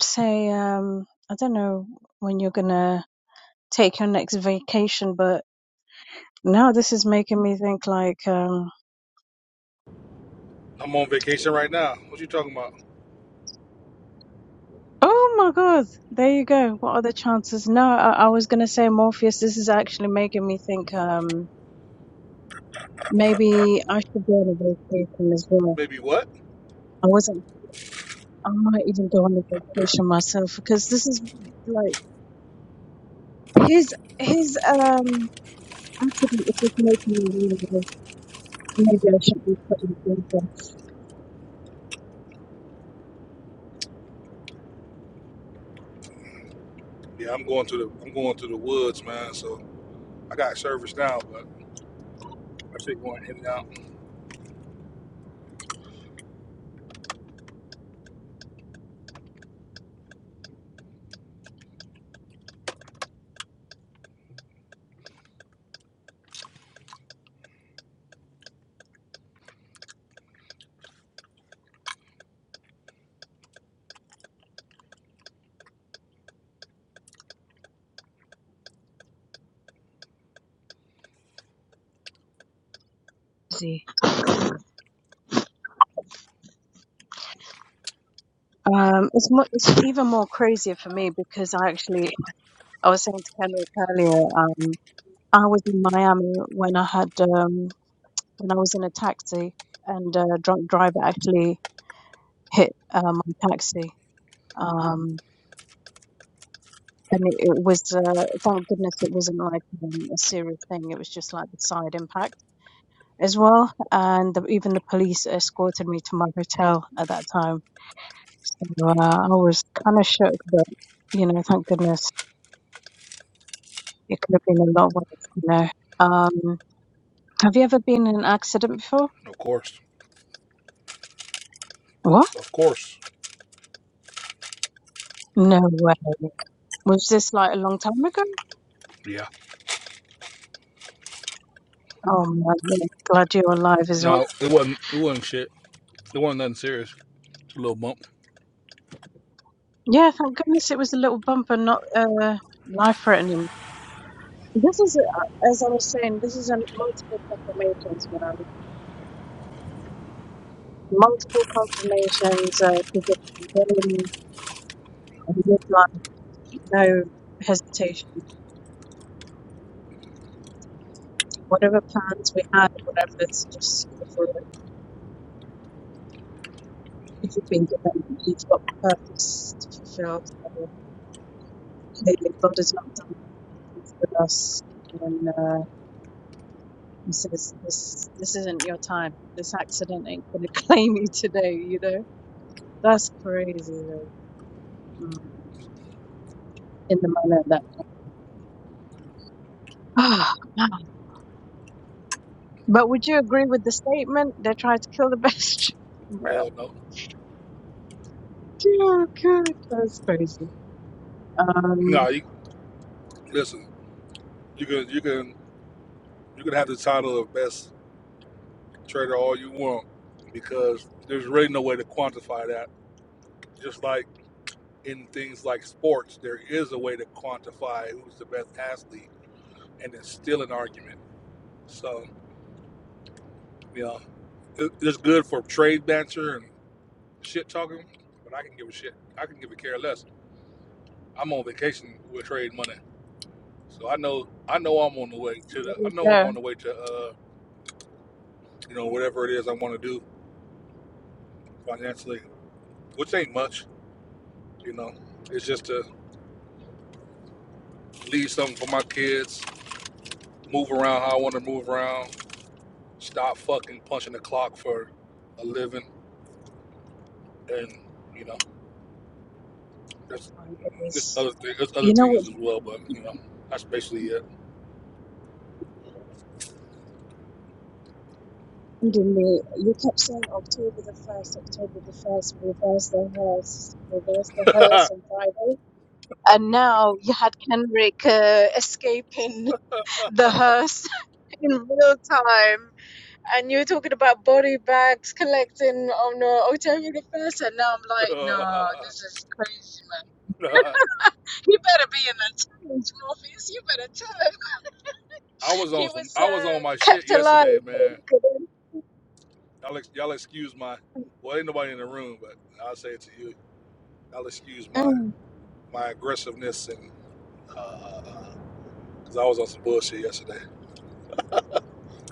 D: say, um, I don't know when you're gonna take your next vacation, but now this is making me think like, um,
E: I'm on vacation right now. What you talking about?
D: oh my God, there you go. What are the chances? No, I, I was gonna say Morpheus. This is actually making me think. Um, Maybe I should go on a vacation as well.
E: Baby, what?
D: I wasn't. I might even go on a vacation myself because this is like his his um attribute is just making me realize maybe I should be putting things off.
E: Yeah, I'm going to the I'm going to the woods, man. So I got service now, but I shit going in and out.
D: crazy. Um, it's more, it's even more crazier for me because I actually I was saying to Kendrick earlier. Um, I was in Miami when I had um when I was in a taxi and a drunk driver actually hit uh, my taxi. Um, and it, it was uh, thank goodness it wasn't like um, a serious thing. It was just like the side impact as well, and the, even the police escorted me to my hotel at that time. So uh, I was kind of shook, but you know, thank goodness it could have been a lot worse. You know, um, have you ever been in an accident before?
E: Of course,
D: What?
E: of course.
D: No way. Was this like a long time ago?
E: Yeah.
D: Oh my God. Glad you're alive as well.
E: No, it wasn't. It wasn't shit. It wasn't nothing serious. Just a little bump.
D: Yeah, thank goodness it was a little bump and not uh, life threatening. This is, uh, as I was saying, this is a multiple confirmations, man. Multiple confirmations uh, to the very midline, no hesitation. Whatever plans we had, whatever, it's just you know, for it. If you've been given, you've got purpose to fulfill. So clearly, God has not done this with us when uh, He says, "This, this isn't your time. This accident ain't gonna <laughs> claim you today." You know, that's crazy. Though, mm, in the manner that. <sighs> Oh, But would you agree with the statement? They tried to kill the best. <laughs> Bro.
E: Hell no.
D: Oh, God, that's crazy. Um,
E: No, you listen. You can you can you can have the title of best trader all you want because there's really no way to quantify that. Just like in things like sports, there is a way to quantify who's the best athlete, and it's still an argument. So. you know. it's good for trade banter and shit talking, but I can give a shit. I can give a care less. I'm on vacation with trade money, so I know I know I'm on the way to
D: there
E: the. I know I'm on the way to uh, you know whatever it is I want to do financially, which ain't much. You know, it's just to leave something for my kids, move around how I want to move around, stop fucking punching the clock for a living, and you know, there's
D: My
E: there's
D: goodness.
E: other thing, there's other
D: You know
E: things
D: what's
E: as well, but you know, that's basically
D: bothering me? You kept saying October the 1st, October the 1st, reverse the hearse, reverse the hearse
E: it.
D: on Friday. And now you had Kendrick uh, escaping <laughs> the hearse <laughs> in real time. And you were talking about body bags collecting on the alternative first, and now I'm like, no,
E: <laughs>
D: this is crazy, man.
E: <laughs>
D: You better be in that challenge, Morpheus. You better tell him
E: I was
D: he
E: on some.
D: was
E: I was on
D: uh,
E: my shit
D: kept alive.
E: yesterday, man. Y'all, ex- y'all excuse my. Well, ain't nobody in the room, but I'll say it to you. Y'all excuse my
D: Um,
E: my aggressiveness and uh, because I was on some bullshit yesterday.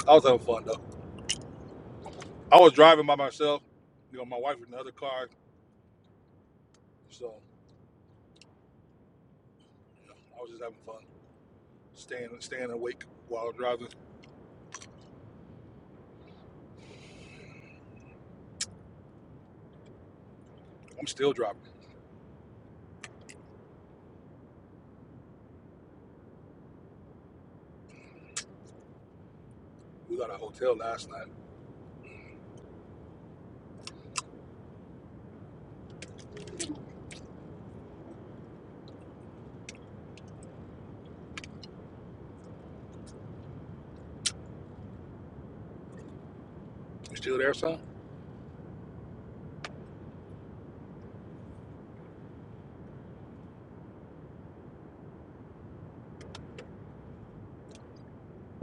E: I was having fun though. I was driving by myself. You know, my wife was in the other car, so you know, I was just having fun, staying staying awake while I was driving. I'm still driving. We got a hotel last night. You still there, son?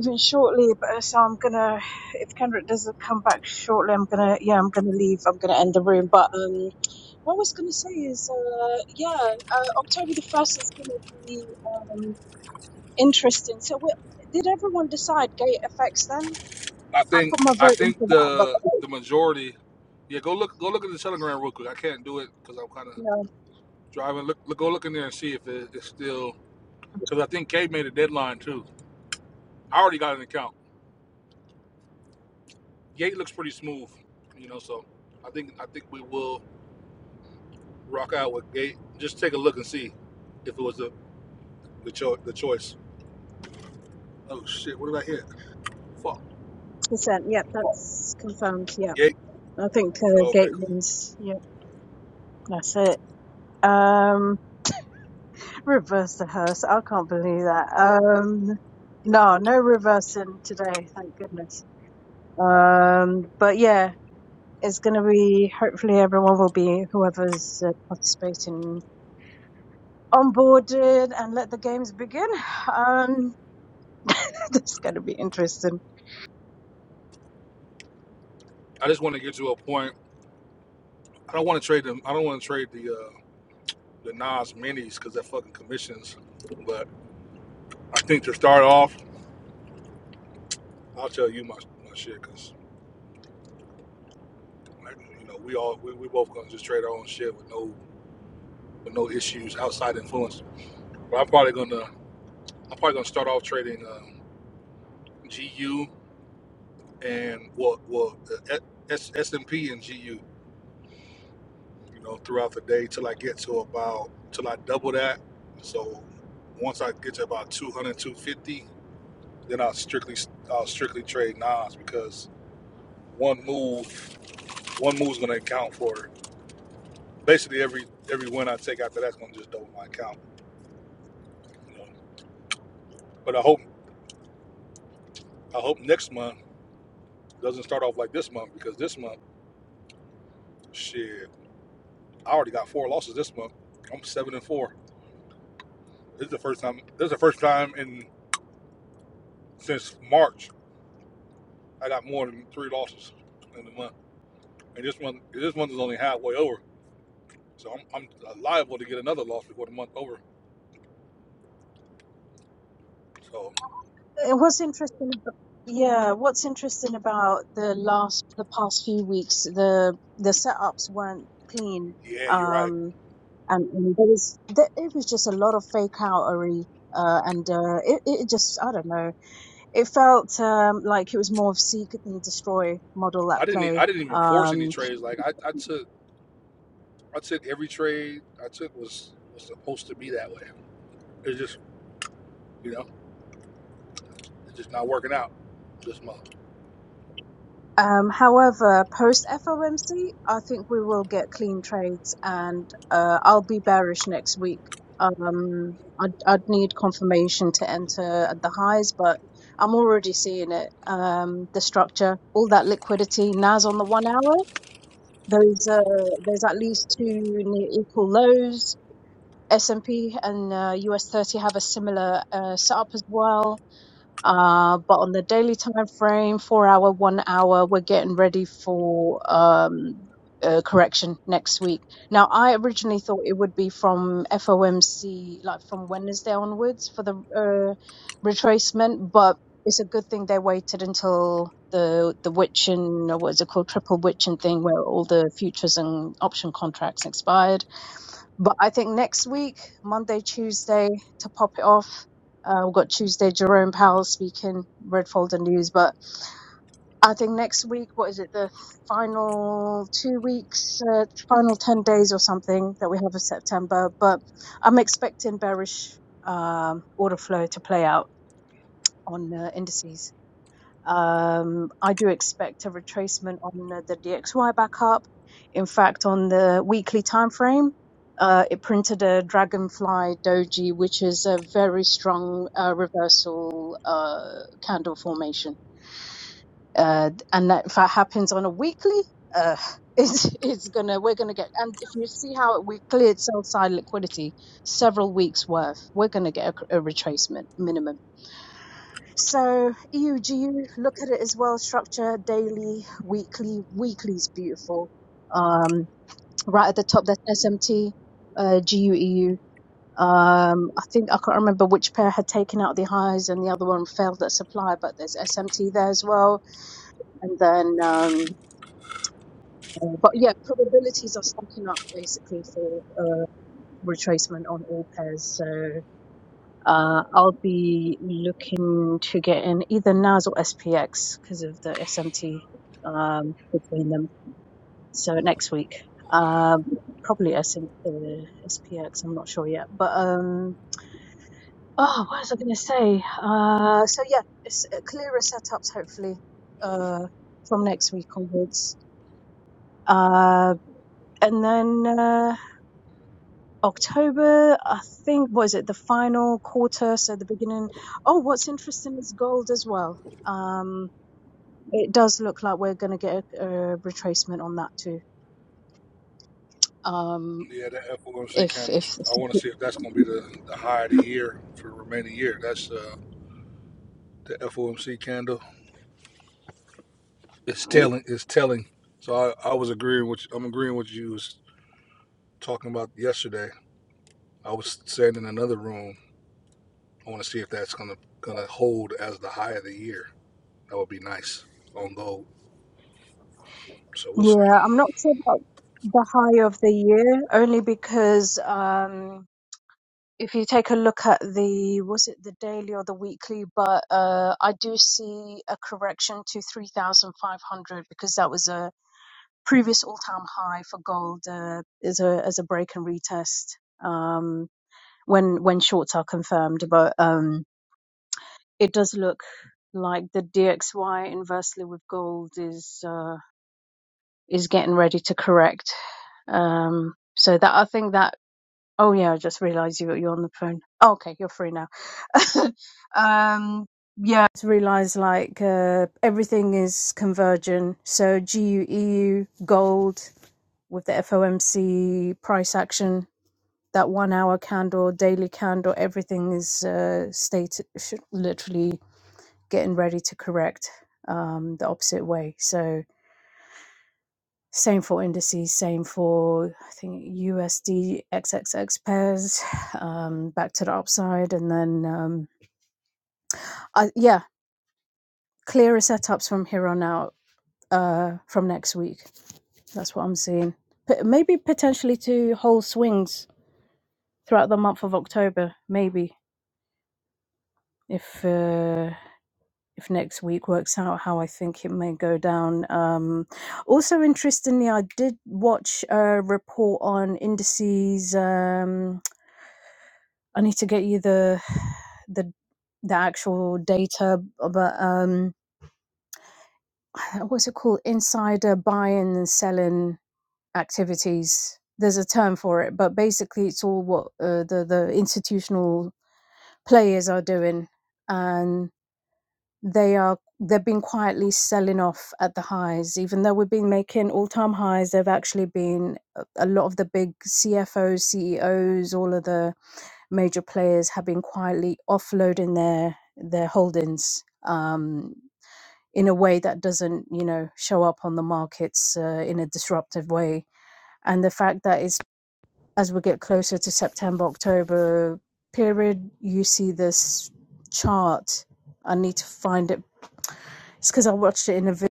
D: even shortly, but uh, so I'm gonna. If Kendrick doesn't come back shortly, I'm gonna. Yeah, I'm gonna leave. I'm gonna end the room. But um, what I was gonna say is, uh, yeah, uh, October the first is gonna be um interesting. So, we- did everyone decide gate effects then?
E: I
D: i
E: think
D: put my
E: I
D: vote into
E: think
D: that, but
E: the the majority. Yeah, go look go look at the Telegram real quick. I can't do it because I'm kind of
D: no,
E: driving. Look, look, go look in there and see if it, it's still because I think Kate made a deadline too. I already got an account. Gate looks pretty smooth, you know. So I think I think we will rock out with Gate. Just take a look and see if it was the the, cho- the choice. Oh shit! What did I hit? Fuck.
D: consent. Yep, that's confirmed. Yep,
E: Gate.
D: I think uh,
E: Okay.
D: Gate
E: Cool.
D: wins, Yep, that's it. Um, reverse the hearse. I can't believe that. Um, no, no reversing today. Thank goodness. Um, but yeah, it's going to be. Hopefully, everyone will be whoever's uh, participating onboarded and let the games begin. Um, <laughs> it's going to be interesting.
E: I just want to get to a point. I don't want to trade them. I don't want to trade the. uh, the Nas minis because they're fucking commissions. But I think to start off, I'll tell you my, my shit because like, you know we all we, we both gonna just trade our own shit with no with no issues outside influence. But I'm probably gonna I'm probably gonna start off trading um, GU and well well uh, S and P and GU you know throughout the day till I get to about till I double that. So once I get to about 200 250 then I'll strictly I'll strictly trade Nas because one move one move's gonna account for basically every every win I take after that's gonna just double my account. You know? But I hope I hope next month doesn't start off like this month because this month, shit, I already got four losses this month. I'm seven and four. This is the first time. This is the first time in since March I got more than three losses in the month. And this month, this month is only halfway over, so I'm I'm liable to get another loss before the month over. So
D: Uh, What's interesting, ab- yeah, what's interesting about the last, the past few weeks, the the setups weren't clean,
E: yeah, you're right.
D: um, and, and there was there, it was just a lot of fake outery, uh, and uh, it it just I don't know, it felt um like it was more of seek and destroy model at
E: I didn't I I
D: play,
E: didn't even force
D: um,
E: any trades. Like I, I took. I took every trade I took was was supposed to be that way. It's just you know, it's just not working out this month.
D: um, however, post FOMC, I think we will get clean trades, and uh, I'll be bearish next week. Um, I'd, I'd need confirmation to enter at the highs, but I'm already seeing it. Um, the structure, all that liquidity, NAS on the one hour. There's uh, there's at least two near equal lows. S&P and P and uh, US 30 have a similar uh, setup as well. Uh, but on the daily time frame, four hour, one hour, we're getting ready for um, uh, correction next week. Now, I originally thought it would be from FOMC, like from Wednesday onwards for the uh, retracement, but it's a good thing they waited until the the witching, or what is it called, triple witching thing, where all the futures and option contracts expired but I think next week, Monday, Tuesday, to pop it off. Uh, we've got Tuesday, Jerome Powell speaking, Red Folder News. But I think next week, what is it, the final two weeks, uh, final 10 days or something that we have of September. But I'm expecting bearish um, order flow to play out on uh, indices. Um, I do expect a retracement on uh, the DXY backup. In fact, on the weekly time frame, uh, it printed a dragonfly doji, which is a very strong uh, reversal uh, candle formation, uh, and that if that happens on a weekly, uh, <laughs> it's it's gonna we're gonna get. And if you see how we cleared sell side liquidity several weeks worth, we're gonna get a, a retracement minimum. So EUG, look at it as well structured, daily, weekly. Weekly is beautiful. Um, right at the top, that's SMT, uh, GUEU. Um, I think I can't remember which pair had taken out the highs and the other one failed at supply, but there's SMT there as well. And then, um, uh, but yeah, probabilities are stacking up basically for uh, retracement on all pairs. So Uh, I'll be looking to get in either NAS or SPX because of the SMT um, between them. So next week, um, probably SM, uh, SPX. I'm not sure yet. But um, oh, what was I going to say? Uh, so yeah, it's uh, clearer setups hopefully uh, from next week onwards. Uh, and then. Uh, October, I think, was it the final quarter? So the beginning. Oh, what's interesting is gold as well. Um, it does look like we're going to get a, a retracement on that too. Um,
E: Yeah, that FOMC
D: if
E: kind of.
D: if
E: I want to see if that's going to be the, the high of the year for the remaining year. That's uh, the FOMC candle. It's telling. It's telling. So I, I was agreeing with. I'm agreeing with you was talking about yesterday. I was saying in another room. I want to see if that's gonna gonna hold as the high of the year. That would be nice on gold. So we'll see.
D: yeah, I'm not sure about the high of the year only because um if you take a look at the was it the daily or the weekly but uh i do see a correction to 3500 because that was a previous all-time high for gold uh, as a as a break and retest um when when shorts are confirmed but um it does look like the dxy inversely with gold is uh is getting ready to correct um so that i think that Oh yeah, I just realised you you're on the phone. Oh, okay, you're free now. <laughs> um, yeah, I realised like uh, everything is converging. So G U E U gold with the FOMC price action, that one hour candle, daily candle, everything is uh, state literally getting ready to correct um, the opposite way. So. Same for indices, same for I think USD XXX pairs, <sighs> um, back to the upside, and then um, I, yeah, clearer setups from here on out uh, from next week. That's what I'm seeing. P- maybe potentially two whole swings throughout the month of October. Maybe if uh, if next week works out how I think it may go down. Um, also, interestingly, I did watch a report on indices. Um, I need to get you the <sighs> the the actual data, uh, but um, <sighs> what's it called? Insider buying and selling activities. There's a term for it, but basically, it's all what uh, the the institutional players are doing, and they are they've been quietly selling off at the highs, even though we've been making all time highs. They've actually been a a lot of the big CFOs, CEOs, all of the major players have been quietly offloading their their holdings um, in a way that doesn't, you know, show up on the markets uh, in a disruptive way. And the fact that it's as we get closer to September October period, you see this chart. I need to find it. It's because I watched it in a video.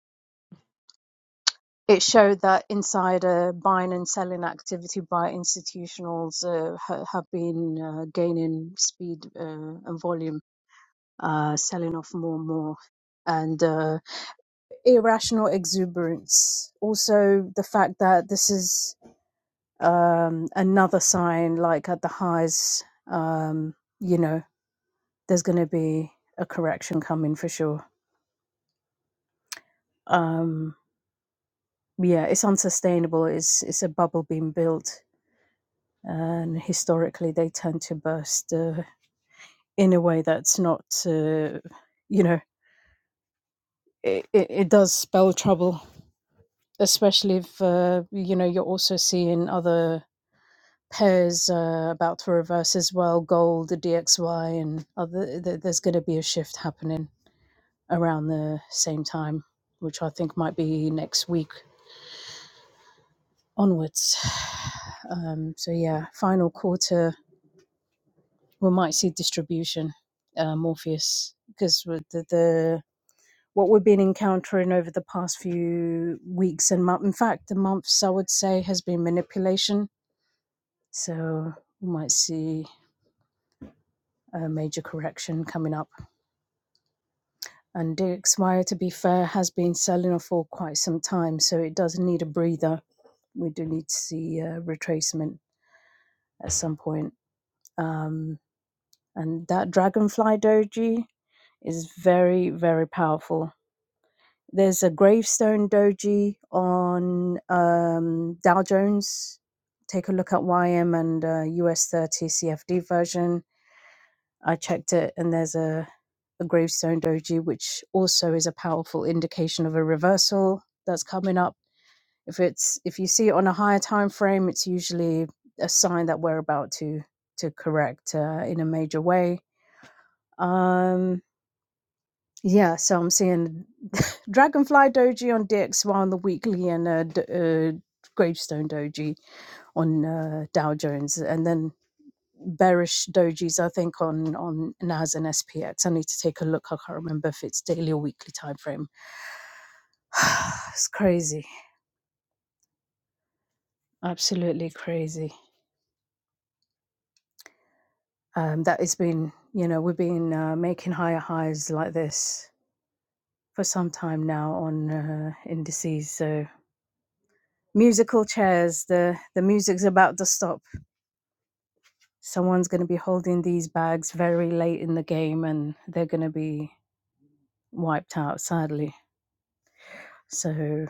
D: It showed that insider buying and selling activity by institutionals uh, ha- have been uh, gaining speed uh, and volume uh, selling off more and more, and uh, irrational exuberance. Also, the fact that this is um, another sign, like at the highs, um, you know, there's going to be a correction coming for sure. Um, yeah, it's unsustainable. It's it's a bubble being built, and historically they tend to burst uh, in a way that's not, uh, you know, it, it, it does spell trouble especially if uh, you know you're also seeing other pairs uh, about to reverse as well gold the dxy and other th- there's going to be a shift happening around the same time which i think might be next week onwards <sighs> um, so yeah final quarter we might see distribution uh, morpheus because the, the what we've been encountering over the past few weeks and month in fact the months i would say has been manipulation So we might see a major correction coming up. And Dirk Meyer, to be fair, has been selling off for quite some time, so it does need a breather. We do need to see a retracement at some point. Um, and that dragonfly doji is very, very powerful. There's a gravestone doji on um, Dow Jones. Take a look at YM and uh, US 30 CFD version I checked it, and there's a, a gravestone doji, which also is a powerful indication of a reversal that's coming up. If it's if you see it on a higher time frame, it's usually a sign that we're about to to correct uh, in a major way. Um, yeah, so I'm seeing <laughs> Dragonfly Doji on DXY on the weekly and a d- uh, Gravestone Doji on uh, Dow Jones, and then bearish dojis, I think, on on NAS and SPX. I need to take a look. I can't remember if it's daily or weekly time frame. <sighs> it's crazy, absolutely crazy. Um, that has been, you know, we've been uh, making higher highs like this for some time now on uh, indices. So musical chairs, the the music's about to stop. Someone's going to be holding these bags very late in the game, and they're going to be wiped out, sadly. So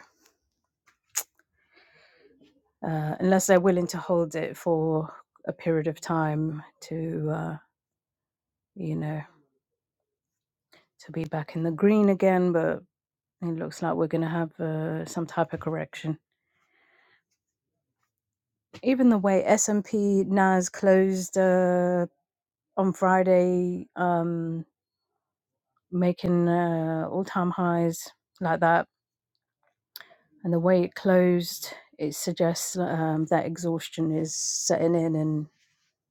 D: uh, unless they're willing to hold it for a period of time to, uh, you know, to be back in the green again. But it looks like we're going to have uh, some type of correction. Even the way S&P NAS closed uh, on Friday, um, making uh, all-time highs like that, and the way it closed, it suggests um, that exhaustion is setting in, and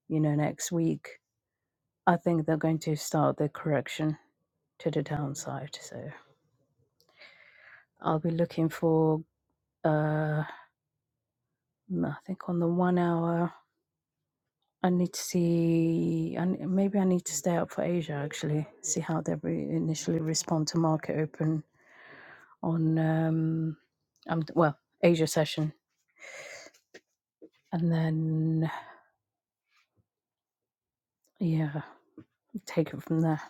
D: you know, next week. I think they're going to start the correction to the downside. So I'll be looking for. Uh, mm, I think on the one hour, I need to see. And maybe I need to stay up for Asia actually. See how they re- initially respond to market open on. Um, um, well, Asia session, and then yeah, take it from there.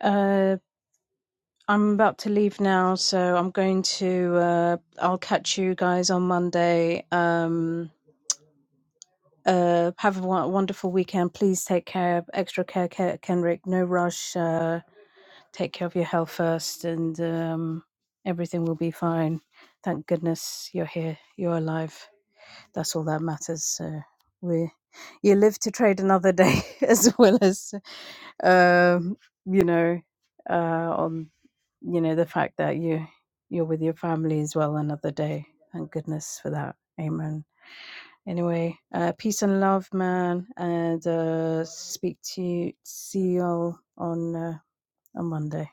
D: Uh, I'm about to leave now, so I'm going to. Uh, I'll catch you guys on Monday. Um, Uh, have a w- wonderful weekend. Please take care. Extra care, Ke- Kenrick. No rush. Uh, take care of your health first, and um, everything will be fine. Thank goodness you're here. You're alive. That's all that matters. So we, you live to trade another day, <laughs> as well as um, you know, uh, on you know the fact that you you're with your family as well another day. Thank goodness for that. Amen. Anyway, uh, peace and love, man, and uh, speak to you, see you all on uh, on Monday.